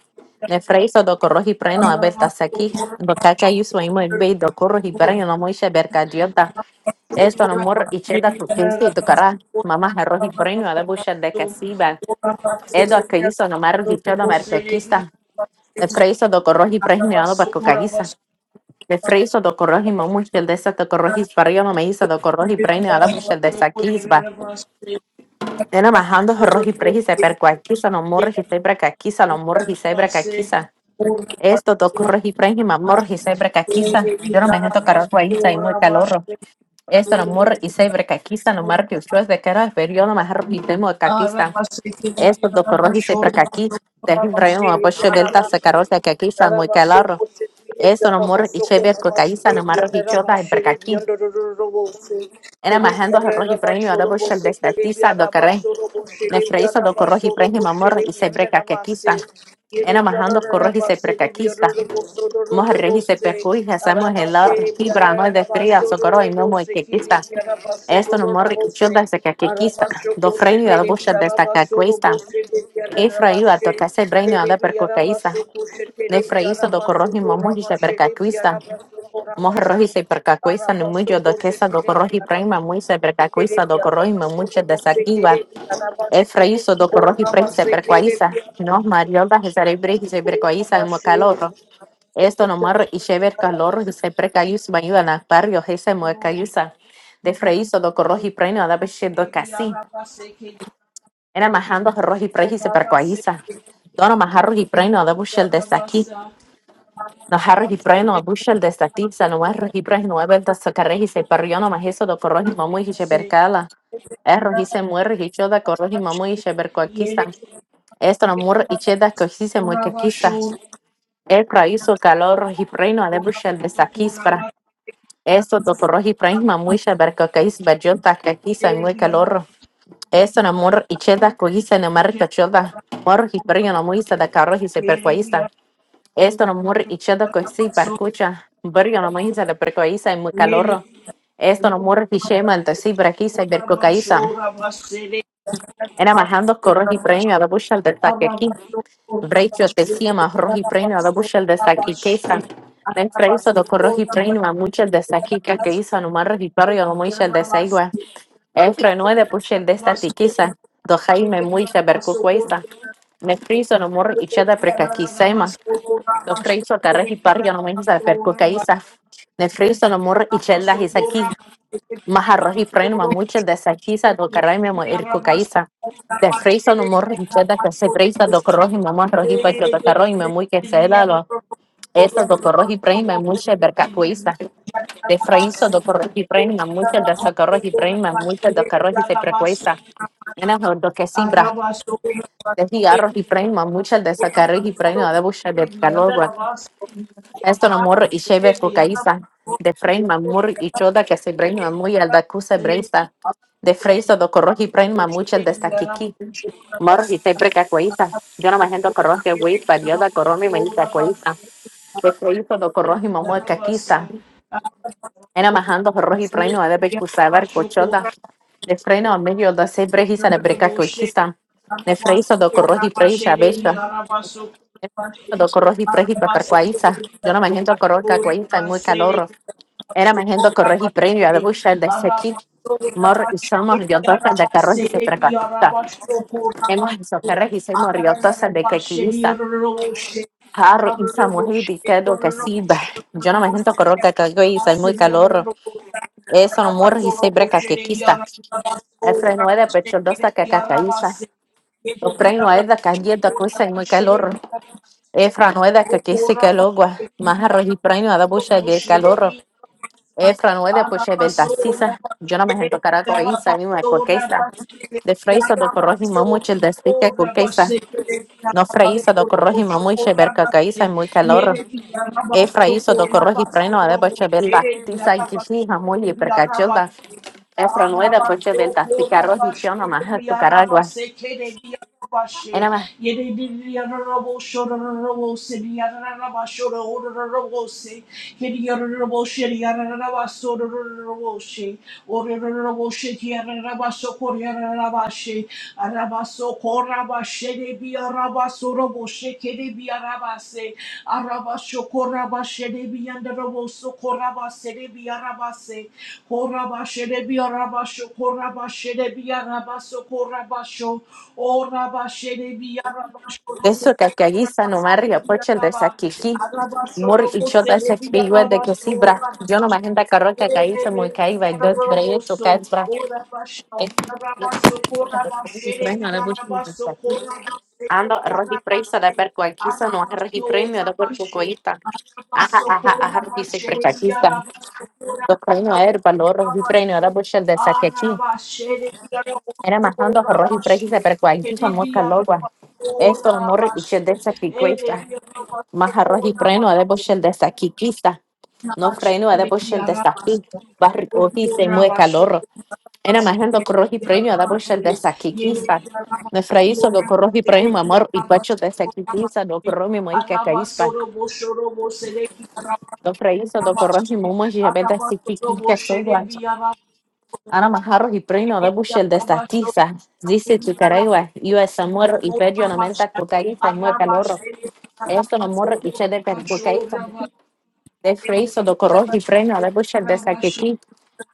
S1: de freiso, do corroji preno, a belta aquí, do caca y su imo el bey, do corroji preno, no moise, bercadiota, esto no mor y cheda cruquense y tocará, mamá roji preno, de bushel de casiba, edo a que hizo no mar rojichodo marpequista, de freiso, do corroji preno, para pacocaguiza. De freiso do corroji mamushel de esa do corroji no me hizo do corroji preno, a la bushel de saquizba. Ena majando roji prejisa per cuaquiza no morji sebra caquiza no morji sebra caquiza. Esto toco roji prejima morji sebra caquiza. Yo no me siento caro guayiza y muy calorro. Esto no mor y sebra caquiza no mar que ustedes de cara pero yo no me roji temo de caquiza. Esto toco roji sebra caqui. De fin rayo me apoyo belta se caro caquiza muy calorro. Esto no mor y sebra caquiza no mar roji choda y per caqui. Ena majando roji prejima da bochel de estatiza do carré. nefreisa do corroji prenji mamor y se breca que quista. Ena majando corroji se breca quista. Moja reji se percuy, hacemos el or, fibra, no de fría, socorro y momo y que quista. Esto no morri childa se que quista. Do freino y a la bucha de esta cacuista. E freio a toca se breino a da percucaísta. Nefreisa do corroji momo y se percacuista. Moja roji se percacuista, no mucho do quesa do corroji prima muy se percacuista do corroji momucha de saquiva. Efraíso, Docoroji Prejise, Bercoaiza, no, Mariolda, Jezare Brejise, Bercoaiza, Mocalorro, esto no marro, y Sheber Calorro, Jise Precayus, Bayudana, Barrio, Jese Muecayusa, de Freíso, Docoroji Preno, Adabeshe, Docasi, era majando Roji Prejise, Bercoaiza, Dono Majarro y Preno, Adabushel de Saki, Nojarro y Preno, Abushel de Sati, Sanomarro y Prejno, Nuevel de Socarrejise, Parriono, Majeso, Docoroji, Mamu y Shebercala, Erro, Jise Muerre, Hichoda, Corroji, Mamu y Este amor, y cheda que mur muy que muikakisa. El praiso calor hipreno alebushel de bushel de saquisfra. Esto doctor hiprema muisha bercocais bajota kakisa y muy calor. Esto amor, y Estano mur icheda kohise ne marcachoda. Mor hipreno muisa da carro hise percoisa. Estano mur icheda kohisi percucha. Burion muisa de percoisa y muy calor. Esto Estano mur hichema de si braquisa y bercocaisa. Era majando corro hipreno alebushel de saquequí. Vrecio te siema rohi preino da bushel de saki quesa. Nen preiso do corrohi preino a muchel de saki que que hizo no mar rohi perio no muchel de seigua. Efre no de bushel de esta tiquisa. Do jaime muy se bercu quesa. Ne friso no mor y cheda precaquisema. Do freiso carrehi perio no muchel de percu quesa. Ne friso no mor y chelda his Maharrohi prenma muchas de saquisa do caray mi amor irco caiza. De freisa no morro y cheda que se freisa do corroji mamá roji pa que tocarro y me muy que se da lo. Esa do corroji prenma muchas bercacuiza. De freisa do corroji prenma muchas de sacarroji prenma muchas do carroji se precuiza. Enas do que sibra. De cigarros y prenma muchas de sacarroji prenma de bucha de calor esto no mur y shebe cucaíza. De frein mamur y choda que se brain mamuy al da cuse breista. De freisa do corroji brain mamuchel de esta kiki. Mor y se breca cuaiza. Yo no me agendo corroje güey parioda corromi me dice cuaiza. De freisa do corroji mamu caquiza. Era majando corroji brain a debe cusabar cochoda. De freno a medio da se brejisa de breca cuaiza. De freisa do corroji preisa becha. Do corroji preji paparcuaiza. Yo no me agendo corroja cuaiza y muy calor era magento corroji premio de Busha de Seki. Mor y somos riotosa de carroji se precatista. Hemos hizo carroji se morriotosa de quequilista. Harro y Samuel diciendo que sí, bah, yo no me siento corro que cago y soy muy calor. Eso no morro y se brecaquequista. El freno es de pecholdosa que cacaíza. Los premios es de cayendo que soy muy calor. El freno es de que quise que logo. Más arroji premio a la busha de calor. Efra não é depois é Beltasisa. yo no me rento cara com isso, a mim é coqueça. De freisa do corroji mamuche el destique coqueça. No freisa do corroji mamuche berca caísa es muy calor. Efra isso do corroji preno a depois é Beltasisa e quixija muito hipercachilda. Efra não é depois é Beltasisa yo no más tu caragua. É nada mais. Eso que que guisa no marrio poche el desaquiqui. Mur y chota ese pillo de que sí, bra. Yo no me agenda carro que caíse muy caíba y dos breyes tu caes, bra. Ando Ando registrarse de per cualquiera no es registrar de per cualquiera. Ajá, ajá, ajá, dice precaquista. Los premios a ver, valor, registrar de la bucha de saque aquí. Era majando registrar de per cualquiera mosca loba. Esto no registrar de saque cuesta. Más registrar de bucha de saque quista. No freno a de bucha de saque. Barrio, dice mueca loro. انا manejando corro y premio a dar el de saquiquisa. me fraíso do corro premio amor y pacho de saquiquisa do corro mi moi que caíspa do fraíso do corro mi momo y beta saquiquiza que soy guacho Ana majarro y premio da bushel de estatiza. Dice tu caragua, yo es amor y pedio no menta cucaíza y muy calor. Esto no amor y che de percucaíza. De freiso do corro y premio da bushel de saquiquiza.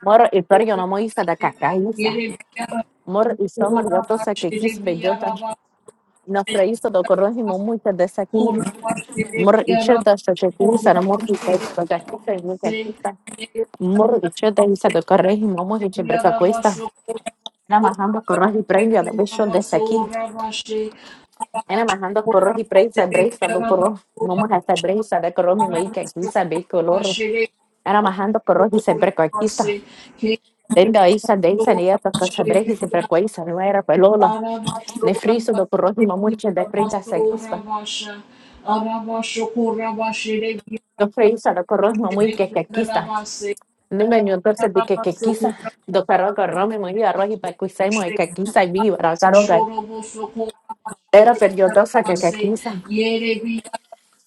S1: Moro y pedio no moiza da cacaíza. Mor y somar y otra que quis bellota. непроїздило корозіму муйте десякі. Мор і чета, що чекіні сара мор і чета, чекіса і муйте чета. Мор і чета і сада корегі мамо і чебрека коїста. Ена махando corros y previo de bicho desde aquí. Ena majando corros y previo de breisa do corro. Vamos a hacer breisa de corro mi maíz que aquí sabe color. Ena majando corros y se precoquista. Tenga isa de isa deisa ni ata cosa breja y se precoisa no era pelola. Ne friso do corro mi mamuche de preita se crispa. Do friso do corro mi mamuche que aquí Nenga torse di que que quizá do caro carrome muy arroz y para cuisemo y que quizá y viva la caro que era periodosa que que kekisa.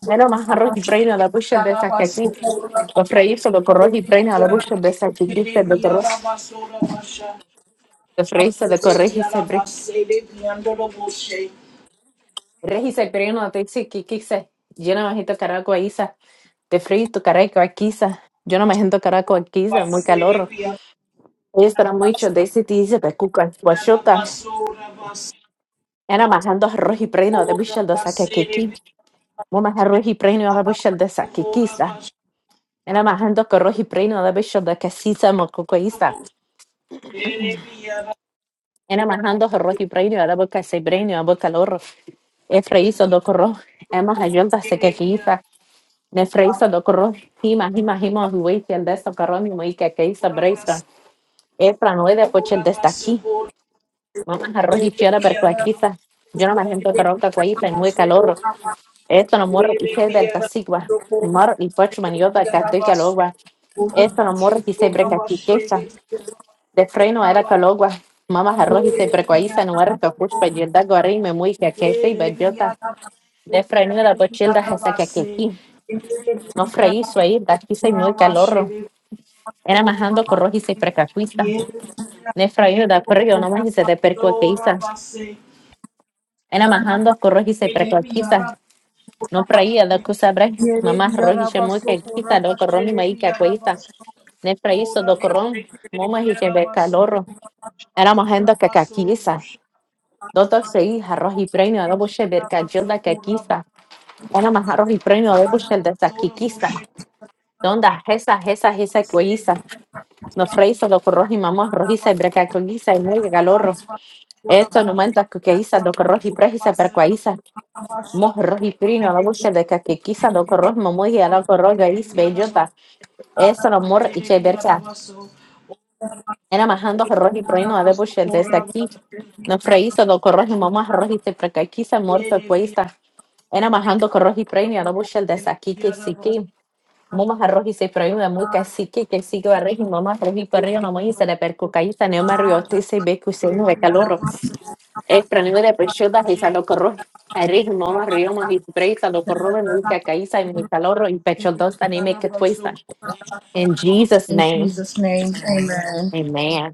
S1: era más arroz y freina la bucha de esa que aquí lo freíso do corroz y freina la bucha de esa que dice do corroz lo freíso de corroz y se bre regi se preno te dice que quizá yo no me siento caraco a isa de frito caraco a quizá yo no me siento caraco a quizá muy calor y estará mucho de ese te dice pe cuca guachota era más arroz y freina de bucha de esa que aquí mamá harrojí preñio abajo saldesa qué quisla enamahando corrojí preñio abajo saldesa qué sisa mocucaísta enamahando harrojí preñio abajo casé preñio abajo calorro Efraíso do corro hemos ayudado a hacer qué hizo Nefreíso do corro himas himas himos huí del desto calorro y que qué hizo Breyson Efra no he de poche el desta aquí mamá harrojí quiero abajo qué hizo yo enamahando corro qué cuaísta muy calorro esto no muero piché del tacígua muero y por su maniota carto y calova Essa morra que sempre que aqui queixa, de freno era calogua, mamas arroz y sempre com isso não era que eu puxo pedida agora e me mui que aqui sei bediota, de freno era bochilda essa que aqui no freí freio isso aí, daqui sei muito calorro. era amarrando com arroz e sempre cacuista, de freno da frio, não mais se de perco que isso, era amarrando com arroz e sempre cacuista, não freia da que sabre, mamas arroz y chamou que aqui, do corrom e maí que aqui, de freio isso do corrom, mamas e sempre calorro. éramos gente que caquiza. Doutor Sei, arroz y premio de Bushel, Bercayolda que quizá, era más arroz y premio de Bushel de Saquiquiza, donde esa, esa, esa cueiza, nos freíza lo que y mamá rojiza y bercacoguiza y muy galorro. Esto no menta que queiza, lo que roji prejiza percuaiza, mos roji prino de Bushel de caquiquiza, lo que roji y a lo que roji gaiz bellota, eso lo mor y che Era majando arroz y proino a debuxer desde aqui. Não freíça do corroz e mamá arroz e se precaquiza morto cuesta. Era majando corroz y proino y a debuxer desde aqui que sique. Mamá arroz y se proino de muy que sique que sique arroz y mamá arroz y perreo no muy se le percucaíza neo marrio te se ve que usted no calor. Es proino de pechuda y salo corroz. Arroz y mamá arroz más y se preisa lo corroz en muy cacaíza y muy calor y pecho dos anime que cuesta. In Jesus
S5: In
S1: name,
S5: Jesus' name, amen.
S1: amen.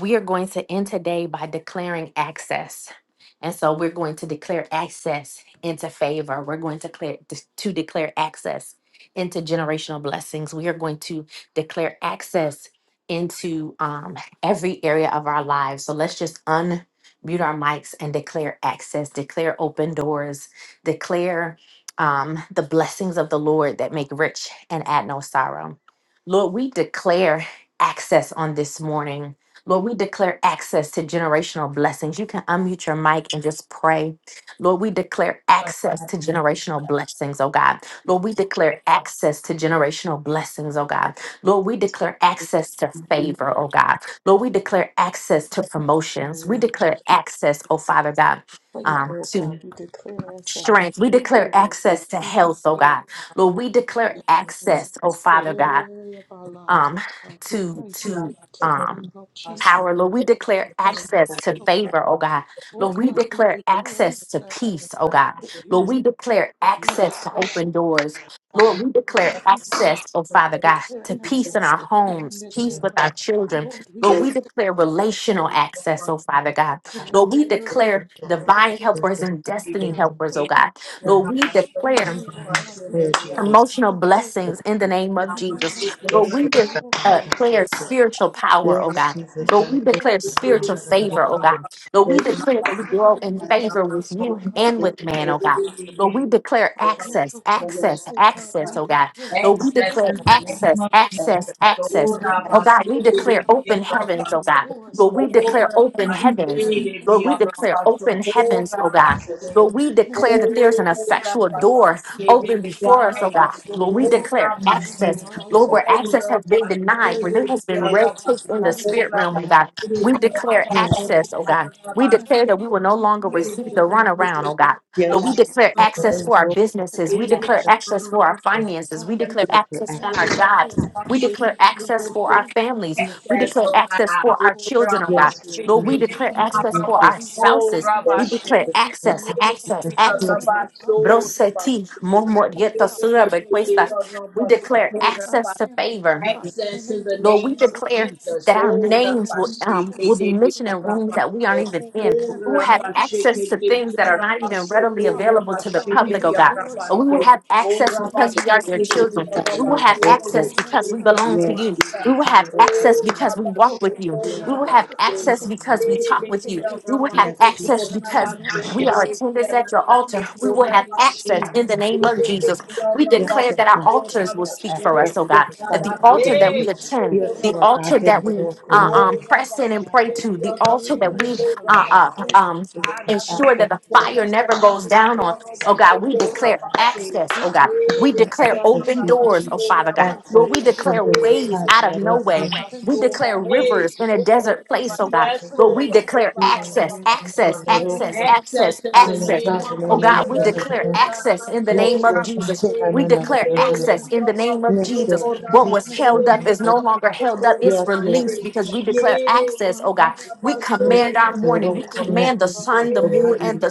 S1: we are going to end today by declaring access. And so we're going to declare access into favor. We're going to declare to declare access into generational blessings. We are going to declare access into um, every area of our lives. So let's just unmute our mics and declare access, declare open doors, declare um, the blessings of the Lord that make rich and add no sorrow. Lord, we declare access on this morning Lord, we declare access to generational blessings. You can unmute your mic and just pray. Lord, we declare access to generational blessings, oh God. Lord, we declare access to generational blessings, oh God. Lord, we declare access to favor, oh God. Lord, we declare access to
S2: in the
S1: promotions.
S2: name
S1: We
S2: of
S1: declare
S2: Jesus.
S1: access, oh Father God,
S2: faith,
S1: um,
S2: O God.
S1: to
S2: We declare ourselves
S1: strength. We declare
S2: faithful, O God.
S1: access to
S2: We
S1: health, oh
S2: declare
S1: God. Lord, we declare access, oh
S2: ourselves to
S1: Father God
S2: every area of our lives,
S1: um,
S2: O God. We
S1: to
S2: thank you, Lord,
S1: to
S2: to the name
S1: um,
S2: of Jesus.
S1: power. Lord,
S2: for
S1: we
S2: giving
S1: declare access
S2: us access.
S1: to
S2: So,
S1: favor, oh God.
S2: O
S1: Lord, we
S2: God, we
S1: declare
S2: declare
S1: access to
S2: ourselves
S1: peace, oh God.
S2: to
S1: Lord,
S2: peace.
S1: we declare
S2: Lord, we
S1: access to
S2: declare
S1: open doors.
S2: joy.
S1: Lord, we declare
S2: Lord, we de-
S1: access, oh Father God,
S2: declare
S1: to peace in
S2: access
S1: our
S2: to
S1: homes,
S2: gladness,
S1: peace
S2: O
S1: with
S2: God.
S1: our children.
S2: Lord, we
S1: Lord, we
S2: declare
S1: declare
S2: access
S1: relational
S2: Lord,
S1: access, oh Father God.
S2: in
S1: Lord, we
S2: every area of our
S1: declare divine helpers and
S2: home,
S4: yeah,
S2: in
S1: destiny
S2: our
S1: helpers,
S2: children,
S1: oh God.
S4: yeah.
S1: Lord, we declare
S2: family, O
S4: Yes,
S2: God. We
S4: Prayer,
S2: declare
S4: Jesus.
S1: promotional
S2: access, O God.
S1: blessings in the name
S2: In
S1: of
S2: the name
S1: Jesus.
S2: of
S1: Lord,
S4: Yes,
S1: we
S4: Lord
S1: de-
S4: God,
S2: Jesus,
S4: I
S2: we
S1: uh, declare
S4: thank you.
S1: spiritual
S2: promotion,
S1: power, oh
S4: Yes,
S1: God.
S4: Jesus,
S2: we
S4: I
S1: Lord, we
S4: thank you.
S1: declare
S2: declare
S1: spiritual favor, oh
S2: access to
S1: God. Lord,
S2: promotion.
S4: Yes,
S1: we declare that we
S2: In the
S1: grow
S2: name
S1: in
S4: I
S2: of
S1: favor with
S2: Jesus,
S1: you
S2: oh
S4: hope.
S2: God,
S1: and
S4: this
S2: we
S1: with man,
S2: declare
S4: prayer
S1: oh God.
S2: access
S1: Lord,
S4: is
S1: we
S2: to
S1: declare
S4: faithful.
S1: access,
S2: financial blessings.
S4: Yes,
S1: access,
S2: Oh
S4: Lord,
S2: God,
S1: access,
S2: we
S4: I thank
S1: oh God.
S2: declare,
S1: Lord,
S4: you.
S2: we
S1: we declare
S4: Yes, Jesus,
S2: decree
S4: I thank you.
S1: access, access,
S4: Yes,
S1: access. Oh
S2: access,
S1: God, we
S2: oh
S1: declare
S2: God,
S1: open
S2: for
S1: heavens, oh
S2: open
S1: God.
S2: doors. Oh
S1: Lord,
S2: God,
S1: we declare
S2: we
S1: open heavens.
S2: declare access
S1: Lord, we declare open heavens, oh God.
S4: Jesus, Lord.
S1: Lord, we
S2: in the
S1: declare
S2: name
S1: that
S2: of
S1: there's an
S2: Jesus for
S1: effectual
S2: your
S1: door
S2: favor, oh
S1: open before us, oh God. Lord, we
S2: God,
S1: declare
S2: in our
S1: access.
S2: lives.
S1: Lord,
S2: Oh God,
S1: where access has
S2: we
S1: been
S2: declare
S1: denied, where there has been
S4: Yes,
S1: red tape
S4: Jesus,
S1: in the
S4: I
S2: relationship
S1: spirit realm, oh
S4: thank you.
S1: God, we
S2: access,
S1: declare
S2: oh
S4: Yes,
S2: God,
S1: access, oh God. We
S2: in the
S1: declare
S2: name
S1: that we
S2: of
S1: will no longer
S2: Jesus,
S4: Lord.
S1: receive
S2: oh
S1: the
S2: God, we
S1: runaround, oh God.
S2: declare.
S1: Lord, we
S4: yes,
S1: declare
S4: Lord. yes,
S1: access for our
S4: Lord.
S2: and
S1: businesses.
S2: our
S1: We declare
S2: emotions,
S1: access for our finances. We
S2: God, we
S1: declare access
S2: declare
S1: on
S2: as
S1: our
S2: the
S1: jobs.
S2: Lord,
S1: We declare
S2: in
S1: access
S2: our
S1: for our
S2: homes, oh
S1: families.
S2: God, we
S1: We declare access
S2: declare
S1: for
S2: us,
S1: our
S2: oh God,
S1: children, oh
S2: and
S1: God.
S4: yes,
S1: Lord, we declare
S2: Jesus, oh
S1: access for
S2: God,
S1: our
S2: we
S1: spouses.
S2: declare as
S1: We
S2: us,
S1: declare
S2: oh,
S1: access,
S2: over
S1: access,
S2: our
S1: access.
S2: children, oh God, and our
S1: Broseti,
S2: Jesus, oh
S1: Mormorieta
S2: God,
S1: Sura
S2: we declare
S1: Bequesta.
S2: as
S1: We
S2: us,
S1: declare
S2: in our
S1: access to
S2: family,
S1: favor.
S2: oh God, in the name of
S1: Lord, we
S2: Jesus,
S1: declare
S2: oh God,
S1: that
S2: we
S1: our
S2: declare,
S1: names will
S2: we
S1: um
S2: declare,
S1: will
S2: us,
S1: be
S2: oh
S1: mentioned in
S2: God,
S1: rooms that we aren't even in.
S2: open
S1: We will
S2: heavens,
S1: have
S2: oh God,
S1: access
S2: we
S1: to
S2: declare
S1: things that are not
S2: as
S1: even
S2: us, oh
S1: readily
S2: God,
S1: available to the
S2: for
S1: public, oh
S2: open
S1: God.
S2: doors,
S1: But we
S2: oh
S1: will
S2: God,
S1: have access
S2: in the name
S1: because we are
S2: of
S1: your
S2: Jesus,
S1: children. We will have
S4: Lord.
S2: We
S4: yes, Lord.
S1: access
S2: declare
S1: because we
S2: ourselves
S1: belong to
S4: Yes,
S1: you. We
S4: Jesus.
S1: will have access because we walk
S2: for
S1: with you. We
S4: Yes,
S2: promotional
S1: will have
S2: success.
S1: access
S2: oh
S1: because we
S2: God.
S4: Lord.
S2: We
S1: talk with you.
S2: declare
S1: We will
S2: ourselves,
S1: have
S2: oh God,
S4: Yes,
S1: access
S2: in the
S1: because
S2: name of
S1: we
S4: Jesus.
S1: are
S2: Jesus,
S1: attendants
S2: oh
S1: at your
S2: God. We
S1: altar. We will
S2: declare,
S1: have
S2: we decree
S1: access in the
S2: ourselves
S1: name of
S2: for
S1: Jesus.
S2: the
S1: We
S2: joy,
S4: Yes,
S1: declare
S4: Lord
S1: that our
S2: peace,
S4: God,
S2: oh
S1: altars will
S4: that
S1: speak
S2: God.
S1: for us, oh
S4: access to
S1: God
S4: the
S2: Oh
S1: that
S4: fight
S1: the
S4: of
S2: God, in
S1: altar
S2: the
S1: that
S4: community.
S2: name
S1: we
S2: of
S1: attend,
S2: Jesus,
S4: Yes,
S1: the
S4: Lord
S2: oh
S4: God,
S1: altar
S2: God,
S4: hand
S1: that
S4: it
S1: we
S2: we
S4: over
S2: declare
S1: uh, um,
S4: community.
S2: ourselves
S1: press in and
S4: We
S1: pray to, the
S2: in
S1: altar
S2: every
S4: can
S1: that
S2: area
S1: we
S2: of
S4: access
S2: our
S1: uh,
S2: lives,
S4: you,
S1: uh,
S2: oh God.
S1: um,
S4: we
S2: In the
S1: ensure
S2: name
S1: that the
S2: of
S1: fire
S2: Jesus,
S1: never
S2: we
S1: goes down
S2: declare
S1: on. Oh
S2: ourselves
S1: God, we declare
S2: for
S1: access. Oh
S2: breakthroughs,
S1: God,
S2: oh God.
S1: we
S4: can
S1: declare
S2: In the name
S4: access
S1: open
S2: of
S4: you,
S1: doors. Oh
S2: Jesus, oh
S1: Father God,
S2: God,
S4: access
S1: Lord, we
S2: we
S1: declare
S4: open
S2: declare
S4: doors,
S1: ways out of
S4: hallelujah. Lord
S1: nowhere.
S4: God.
S1: We
S2: repentance, oh
S1: declare
S2: God. In the name
S4: Yes,
S1: rivers in a desert
S2: Jesus,
S1: place. Oh
S2: we
S1: God, Lord,
S2: declare
S4: hallelujah.
S1: we
S2: and say,
S1: declare
S2: oh God,
S4: Hallelujah,
S1: access, access,
S2: in the
S4: Lord
S2: name
S1: access,
S4: God.
S2: of
S1: access,
S2: Jesus,
S4: Hallelujah.
S2: O
S1: access.
S2: God, we
S1: Oh God,
S4: hallelujah,
S1: we
S2: declare and
S1: declare
S4: hallelujah.
S2: decree this.
S1: access in the name
S4: Yes,
S1: of
S4: Lord
S1: Jesus.
S4: God.
S1: We
S4: hallelujah,
S2: We
S1: declare
S4: hallelujah.
S2: declare
S1: access
S2: as
S1: in the
S2: us, oh
S1: name of
S2: God,
S4: Yes,
S1: Jesus.
S4: Lord.
S1: What was
S2: in the
S1: held
S2: name
S1: up
S2: of
S1: is no longer held up. It's
S2: in
S4: Yes,
S2: the
S4: Lord.
S2: name
S1: released
S2: of
S1: because we
S2: Jesus,
S1: declare
S2: O
S1: access,
S2: God,
S1: oh God.
S2: we
S1: We
S2: declare
S4: Yes,
S2: as
S1: command our
S2: us to
S1: morning. We
S4: yes,
S2: every area
S4: Jesus,
S2: of
S1: command the
S2: our
S1: sun, the
S2: lives.
S1: moon,
S2: oh.
S1: and the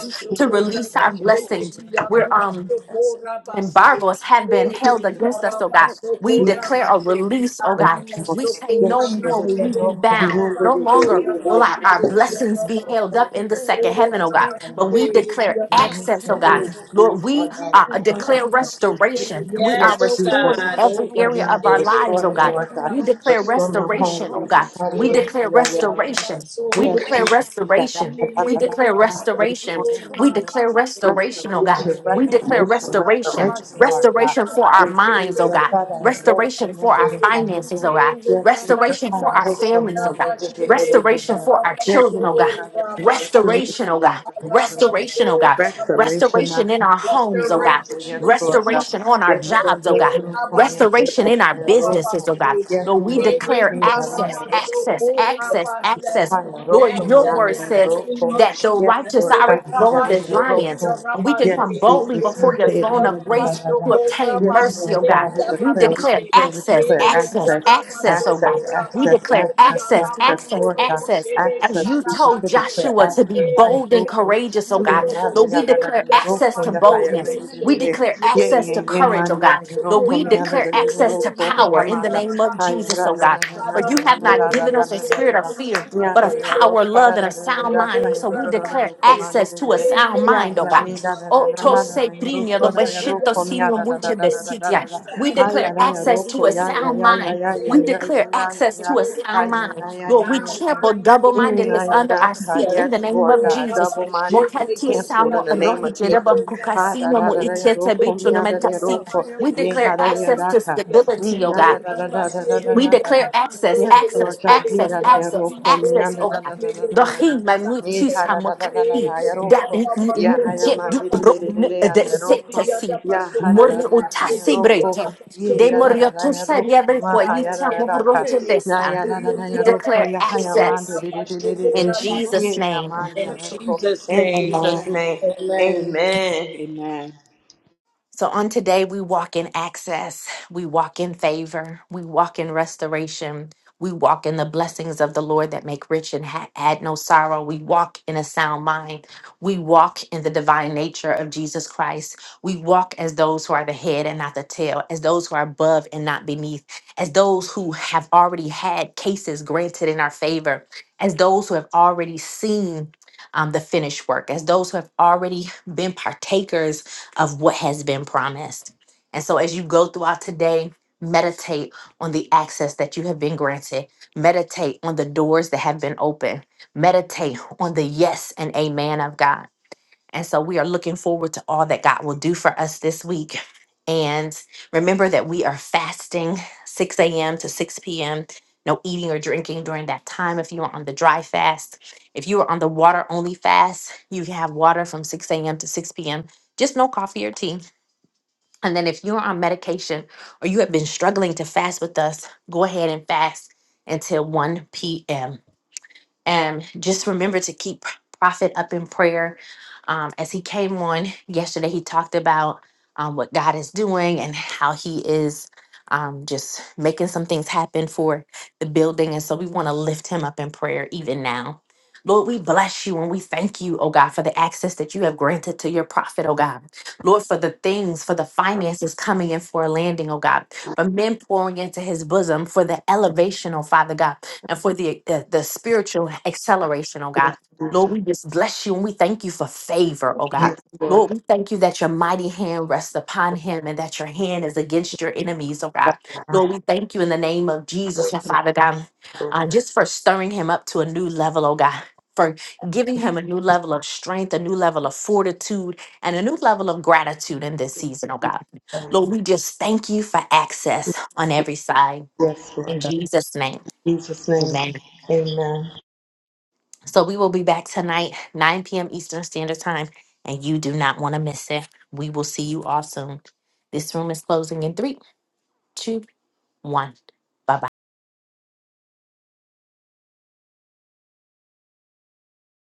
S2: We
S1: to
S2: declare
S1: release our
S2: open doors.
S1: blessings.
S2: We
S1: We're
S2: declare
S1: um
S2: as us to promotion,
S1: embargoes have
S2: oh
S1: been
S2: God. We
S1: held against us,
S2: declare
S1: oh God.
S2: as
S1: We
S2: us
S1: declare a release, oh God.
S2: in,
S1: We say
S2: in
S1: no more
S2: every
S1: will
S4: and
S2: area, oh
S4: all
S1: we be
S2: God,
S1: bound.
S2: in our
S1: No
S2: businesses,
S1: longer will
S2: in
S1: our,
S2: our
S1: our
S2: homes, O
S1: blessings be
S2: God.
S1: held up in the
S2: Declare
S1: second
S2: as
S1: heaven, oh
S2: us,
S1: God.
S2: oh God.
S1: But
S4: command
S1: we declare
S2: Not
S4: Release,
S1: access, oh
S2: family,
S4: release,
S1: God.
S2: oh God.
S4: release,
S1: Lord, we
S4: Lord God, with
S1: uh,
S2: Oh
S4: the
S2: God,
S4: hands
S1: declare
S2: we
S4: of Jesus.
S2: declare
S1: restoration.
S2: as
S1: We
S2: to
S1: are
S4: Yes,
S1: restored
S4: Jesus,
S1: in every
S2: generational
S1: area
S4: hallelujah,
S1: of
S4: Father,
S1: our
S2: blessings
S1: lives,
S4: restore
S1: oh
S4: me,
S2: in in
S1: God.
S4: Lord
S2: the
S4: God,
S2: name
S1: We
S2: of
S1: declare
S2: Jesus.
S4: restore my
S2: Oh
S4: home,
S1: restoration, oh
S2: God,
S1: God.
S2: we
S4: Jesus,
S1: We
S4: hallelujah,
S2: declare
S1: declare
S4: yeah,
S2: as
S4: man.
S1: restoration.
S2: access, oh
S1: We
S4: Yes,
S1: declare
S4: Jesus, da, da,
S2: God. In
S1: restoration.
S4: da,
S2: the
S4: da, da, da,
S1: We
S4: da,
S2: name
S1: declare
S4: da.
S2: of Jesus,
S4: Let me
S2: we
S1: restoration.
S4: call him
S1: We
S2: declare,
S4: to
S1: declare
S4: you.
S2: oh God.
S1: restoration, oh God.
S4: restoration,
S2: In
S1: We
S2: the
S1: declare
S2: mighty name
S4: restoration,
S2: of
S1: restoration,
S4: restoration,
S2: Jesus,
S4: Lord
S2: we
S4: God.
S1: restoration
S2: declare,
S1: for our
S2: we
S4: Yes,
S1: minds,
S4: Jesus,
S1: oh
S2: declare
S1: God,
S2: access,
S4: Father,
S2: oh God.
S4: rope
S1: restoration
S4: and
S1: for
S4: then
S1: our
S4: the family.
S2: In
S1: finances, oh
S2: every
S1: God,
S2: area
S4: Yes,
S2: of our lives,
S4: Jesus,
S1: restoration
S2: oh
S1: for our
S4: hallelujah, for me,
S2: God.
S1: families, oh God,
S4: hallelujah, yeah,
S2: In our
S4: yeah,
S1: restoration
S4: yeah, yeah.
S2: children,
S1: for
S2: oh
S1: our
S2: God.
S4: yes,
S1: children, oh
S4: Lord
S1: God,
S4: God,
S2: In our home,
S4: restoration, we
S1: restoration, oh
S2: oh
S4: declare
S1: God,
S2: God.
S4: restoration, Lord God.
S1: restoration, oh God,
S2: Finances, oh God.
S4: Restoration of
S1: restoration in our
S2: In the
S1: homes,
S4: Roku,
S1: oh
S2: name
S1: God,
S2: of
S4: Roku, yes,
S2: Jesus,
S4: Lord.
S2: oh
S4: God.
S1: restoration on our
S2: God.
S4: Yes, Lord,
S1: jobs, oh
S2: We
S4: Roku,
S1: God.
S4: Roku,
S2: declare
S4: yes,
S1: Restoration in our
S2: as
S4: Lord.
S1: businesses, oh
S2: access,
S1: God.
S4: Yes,
S1: Lord, we
S4: Lord, I
S2: We
S1: declare
S4: think that
S2: declare
S4: I
S1: access,
S4: am
S2: restoration
S4: Roku,
S1: access,
S2: in
S4: Yes,
S1: access,
S2: the
S4: Jesus,
S1: access.
S4: I
S2: name
S4: am
S2: of
S4: Roko,
S1: Lord,
S2: Jesus,
S1: your
S4: Miana,
S2: oh
S1: word
S4: I am
S2: God.
S1: says
S4: Roko.
S1: that the
S4: Yes,
S1: righteous
S4: Lord,
S1: are
S4: I
S1: as bold as
S2: We
S4: am
S2: declare
S1: lions
S4: Roko.
S1: and we can
S4: Yes,
S1: come boldly
S4: Jesus,
S1: before your
S4: I
S1: throne
S2: restoration in
S4: am
S1: of grace to
S4: Roko.
S2: the name of
S1: obtain
S2: Jesus. We
S4: Yes,
S1: mercy,
S4: Lord
S1: oh
S2: declare
S1: God.
S4: God, we
S1: We
S4: declare,
S2: restoration
S4: we
S1: declare
S4: declare, we
S1: access,
S2: in
S4: declare
S2: the name of
S1: access,
S4: access,
S1: access,
S2: Jesus.
S1: oh God.
S4: access,
S1: We
S4: access,
S1: declare
S2: We
S4: access,
S1: access,
S4: access,
S1: access,
S2: declare,
S4: Lord God,
S1: access.
S2: oh
S1: As
S2: God.
S4: access,
S1: you
S4: Jesus,
S1: told
S4: we
S2: We
S4: declare
S1: Joshua
S2: declare,
S1: to be
S4: access,
S2: oh
S4: I am
S1: bold and
S4: Roko.
S2: God. In
S1: courageous,
S2: the
S1: oh
S2: name of
S1: God.
S4: Mm,
S2: Jesus,
S1: Lord, we
S4: I
S2: oh
S1: declare
S4: am
S2: God.
S1: access
S4: Roko,
S1: to
S4: Nahaya,
S1: boldness.
S2: In the
S1: We
S2: name of
S4: Mendele.
S1: declare
S4: Ye
S2: Jesus,
S1: access
S4: ye
S1: to
S4: ye
S1: courage, oh
S4: man ye
S1: God.
S4: re ro
S1: Lord,
S4: ko
S1: we
S2: oh
S4: mi
S2: God.
S4: ana
S1: declare
S4: re re
S1: access
S2: In
S4: ro
S1: to
S2: the
S4: ko ha
S2: name of
S1: power
S4: ha
S1: in
S4: ma
S1: the
S4: da
S2: Jesus,
S1: name of
S4: ha ya
S1: Jesus,
S4: ra
S1: oh
S4: ra
S2: access, oh
S1: God.
S4: ra
S2: God.
S4: ra ra
S1: For you
S4: ra
S1: have
S4: ra
S2: In
S1: not
S2: the
S4: ra ra
S1: given
S4: ra
S2: name
S1: us a
S4: ra ra
S2: of
S1: spirit
S4: ra
S1: of
S4: ra
S2: our
S1: fear,
S2: lives,
S4: ya
S2: oh
S1: but
S4: ra
S2: God.
S1: of
S4: ra ro
S1: power,
S4: ka
S2: We
S1: love,
S4: ra
S1: and a
S4: ra ra ra
S1: sound
S2: declare
S4: ra ka
S1: mind.
S4: ya
S1: So
S4: ro
S2: access,
S1: we
S4: ro ro
S2: oh
S4: ro
S1: declare
S4: ro ko ma re
S1: access
S4: re
S1: to
S4: re
S1: a
S2: God.
S4: re
S2: In the
S1: sound
S2: name of
S4: ya
S1: mind, oh
S4: ya
S1: God.
S4: mi da
S2: Jesus,
S4: da
S2: for
S4: da da
S1: Oto
S2: joy.
S4: da da da ya ro
S1: sebrinio,
S4: ko
S2: We
S1: do
S4: ra ya ro
S2: declare
S1: veshito
S4: ko mi ya
S2: access
S1: simo
S4: da da
S2: to
S4: da
S1: muche
S4: da da da
S1: besitia.
S4: da
S2: peace,
S4: da
S2: oh
S1: We
S2: God.
S4: Ah,
S1: declare
S4: yeah, da ha ya
S2: We
S4: ra ya ro
S1: access
S4: ko
S1: to a
S2: declare
S4: ya ya
S1: sound
S4: ya ya
S1: mind.
S4: ya ya
S1: We
S4: ya ya
S2: access
S1: declare
S4: ya ya
S1: access
S2: for
S1: to
S4: ya
S1: a
S4: ha
S1: sound
S2: gladness,
S4: ya
S1: mind.
S4: ya
S2: oh God.
S4: ya
S1: Lord,
S4: ya
S1: we
S2: We
S4: ya ya
S1: trample
S2: declare
S1: double
S4: Mm,
S2: access
S1: mindedness under our
S4: ayaraka,
S1: feet
S2: for
S1: in the
S4: Yes,
S1: name
S4: Lord
S1: of
S2: favor.
S4: God,
S1: Jesus.
S4: double
S2: We
S4: mindedness is
S1: Mohati
S2: declare
S4: canceled in
S1: samo
S4: the
S2: access,
S4: name
S1: rohi
S2: oh
S4: of
S2: God,
S1: jereba
S4: Jesus. Ah, da,
S1: kukasino
S4: da,
S2: for
S1: mo
S4: da, da, ya,
S1: itete
S2: ourselves
S4: roko,
S1: bitu
S4: mi,
S1: no
S2: and
S4: ah, da, da, ya,
S2: over our
S4: roko.
S1: We
S2: family,
S4: Ye,
S2: over
S4: ha,
S1: declare
S2: our
S4: da, da, ya,
S1: access
S2: children.
S4: da,
S1: to
S4: ka.
S2: oh God.
S1: stability,
S2: We
S4: Mm,
S1: oh
S4: ah,
S1: God.
S4: da, da, da,
S2: declare
S4: da, da,
S2: access in
S4: da,
S1: We
S2: our
S4: da, da, da.
S1: declare
S2: home, oh
S1: access,
S4: Yes,
S2: God.
S4: Lord
S1: access,
S4: God,
S2: In the
S4: here
S1: access,
S4: that
S2: name
S4: I
S2: of
S1: access,
S4: roko
S2: Jesus,
S4: mi
S2: oh
S1: access,
S4: anda
S1: oh
S4: na
S2: God,
S4: na
S1: God.
S2: we
S4: na na na
S2: declare
S4: na na.
S1: Dohi
S2: access for
S1: manut
S4: Ni
S1: tis
S4: ha na na na na na
S1: hamakati.
S4: na ya
S2: greatness.
S1: That
S4: roko.
S2: We
S4: Ya ha
S2: declare
S4: ya
S1: jet
S2: access
S4: ma
S1: du
S4: di di di
S1: bro
S2: for
S4: di di
S2: open
S4: di ya
S1: de
S2: doors,
S4: na
S2: oh
S4: roko.
S2: God.
S1: setasi.
S4: Ya ha na
S2: In the
S1: Mori
S2: name
S4: na
S2: of
S4: na ha ya
S2: Jesus,
S1: utasi
S4: roko.
S1: breto.
S4: Ye
S1: De
S4: na na na na ya
S1: moriotusa
S4: roko ma
S2: Access,
S4: ha ya
S2: oh
S4: na
S1: yabrequalita
S2: God.
S4: na na ka.
S1: moroche
S2: Hey,
S4: Na
S1: desta.
S4: ya
S2: in
S4: na na na
S2: your
S1: We
S4: ya
S2: name,
S4: roko
S1: declare
S4: ya ha ya ma di
S1: access
S4: di di di di
S2: oh God.
S1: in
S4: di
S2: We
S4: di.
S2: thank
S1: Jesus'
S4: Ye
S2: you
S4: ya
S2: for
S4: ma
S1: name.
S4: di ya
S2: access, oh
S5: In
S4: roko.
S5: Jesus'
S4: In
S5: name.
S2: God.
S1: Amen.
S4: Jesus'
S2: Amen.
S4: name,
S5: Amen.
S4: Amen.
S2: Amen.
S1: So on today, we walk in access, we walk in favor, we walk in restoration, we walk in the blessings of the Lord that make rich and ha- add no sorrow. We walk in a sound mind, we walk in the divine nature of Jesus Christ. We walk as those who are the head and not the tail, as those who are above and not beneath, as those who have already had cases granted in our favor, as those who have already seen. um, the finished work, as those who have already been partakers of what has been promised. And so as you go throughout today, meditate on the access that you have been granted. Meditate on the doors that have been opened. Meditate on the yes and amen of God. And so we are looking forward to all that God will do for us this week. And remember that we are fasting 6 a.m. to 6 p.m. No eating or drinking during that time if you are on the dry fast. If you are on the water only fast, you can have water from 6 a.m. to 6 p.m., just no coffee or tea. And then if you are on medication or you have been struggling to fast with us, go ahead and fast until 1 p.m. And just remember to keep Prophet up in prayer. Um, as he came on yesterday, he talked about um, what God is doing and how he is um, just making some things happen for the building. And so we want to lift him up in prayer even now. Lord, we bless you and we thank you, oh God, for the access that you have granted to your prophet, oh God. Lord, for the things, for the finances coming in for a landing, oh God, for men pouring into his bosom, for the elevation, oh Father God and for the, the the spiritual acceleration, oh God. Lord,
S4: Jesus,
S1: we just bless you and we thank you for favor, oh God.
S4: Yes, Lord
S1: Lord, we thank you that your mighty hand rests upon him and that your hand is against your enemies, oh
S4: God.
S1: God. Lord, we thank you in the name of Jesus, your Father God, uh, just for stirring him up to a new level, oh God. For giving him a new level of strength, a new level of fortitude, and a new level of gratitude in this season, oh God. Lord, we just thank you for access on every side.
S4: Yes, Lord
S1: In
S4: God.
S1: Jesus' name,
S4: In Jesus' name,
S1: amen.
S4: Amen.
S1: So we will be back tonight, 9 p.m. Eastern Standard Time, and you do not want to miss it. We will see you all soon. This room is closing in three, two, one. Bye bye.